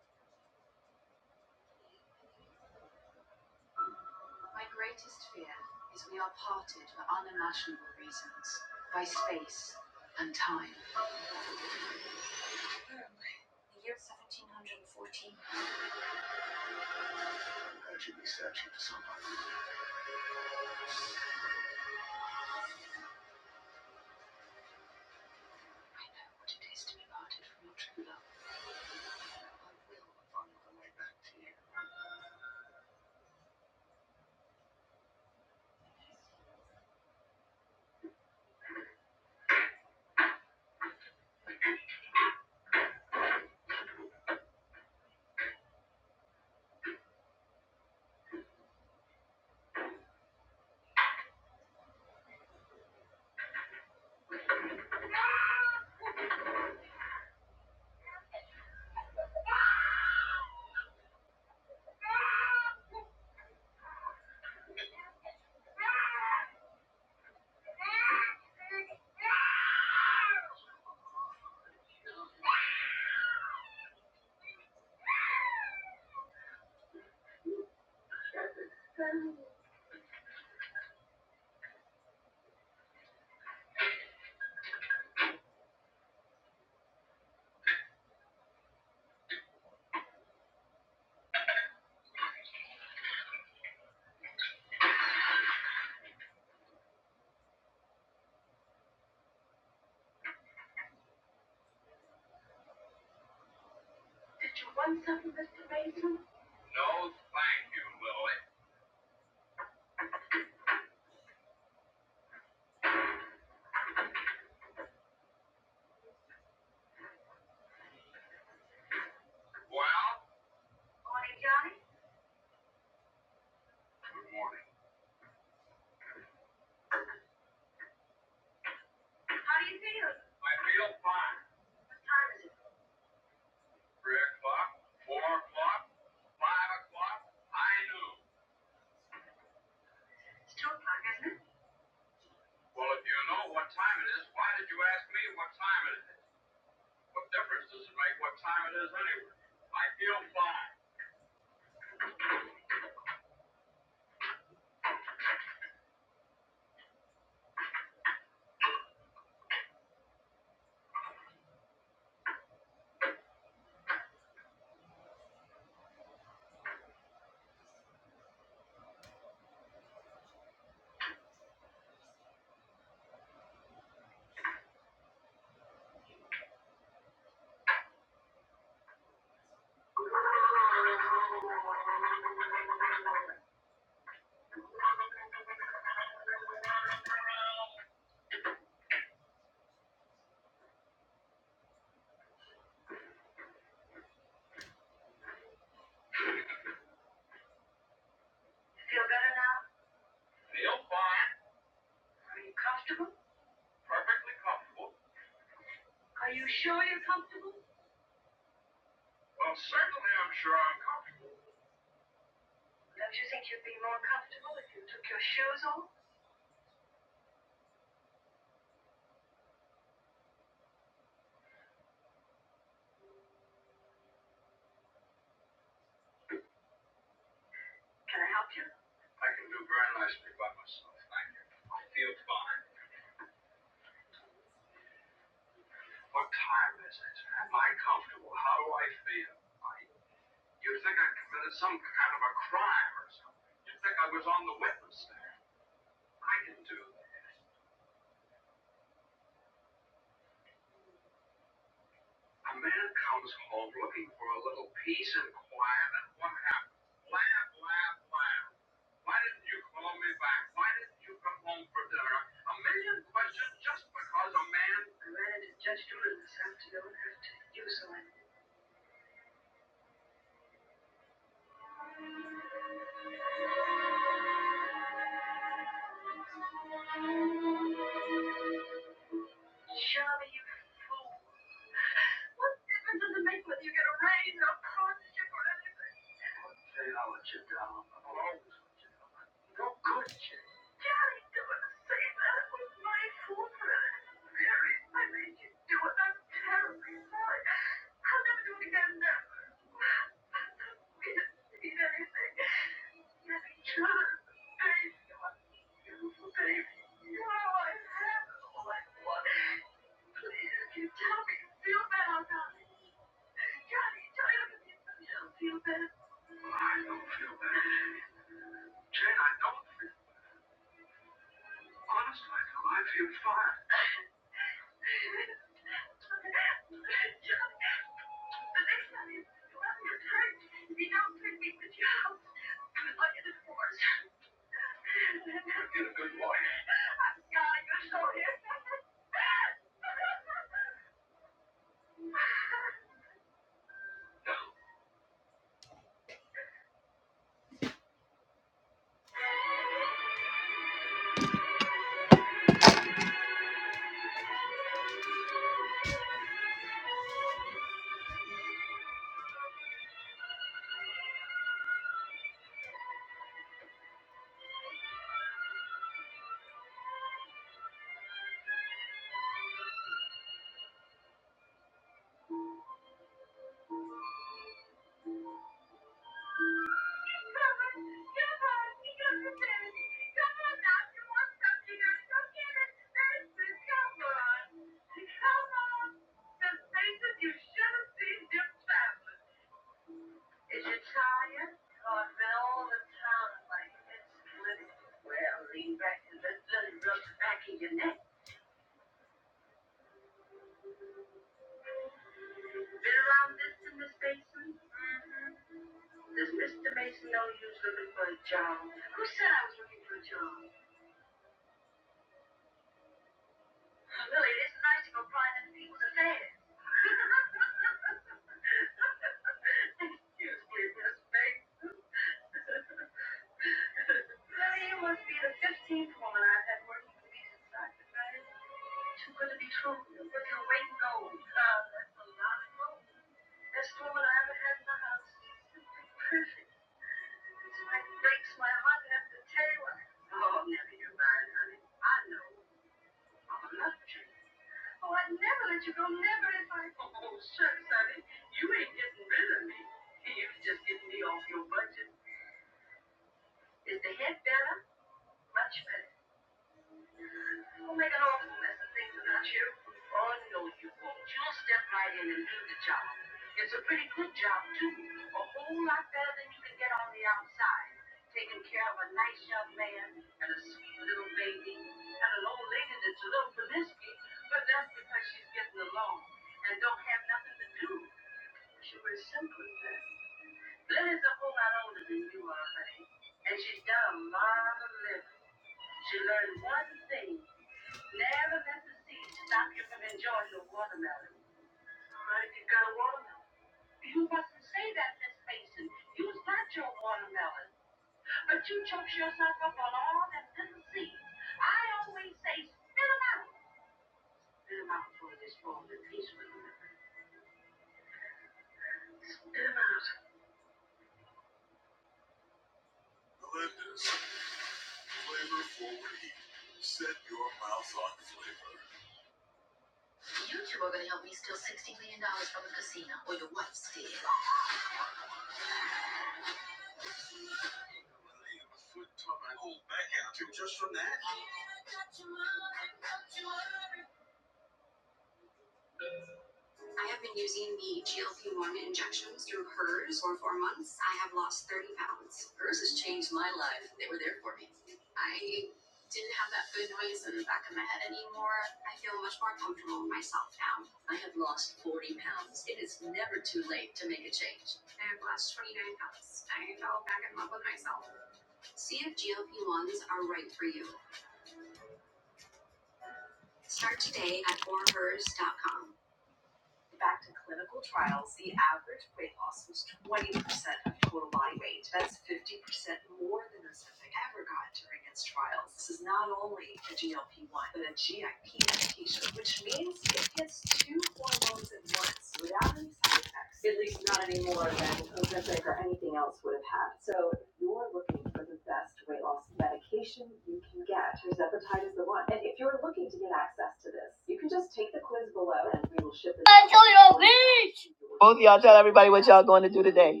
A: Both of y'all tell everybody what y'all going to do today.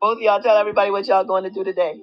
A: Both of y'all tell everybody what y'all going to do today.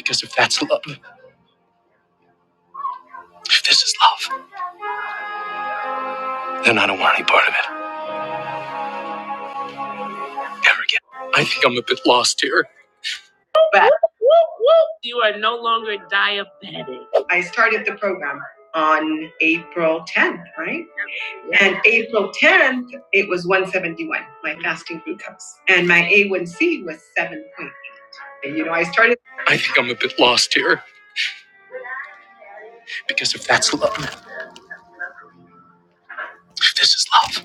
A: Because if that's love, then I don't want any part of it ever again. I think I'm a bit lost here. I think I'm a bit lost here. Because if that's love, if this is love,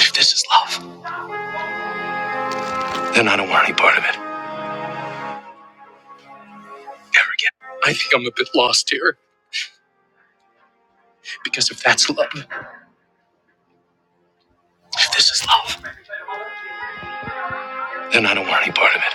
A: if this is love, then part of it ever again. I think I'm a bit lost here. Because if that's love, if this is love, then I don't want any part of it.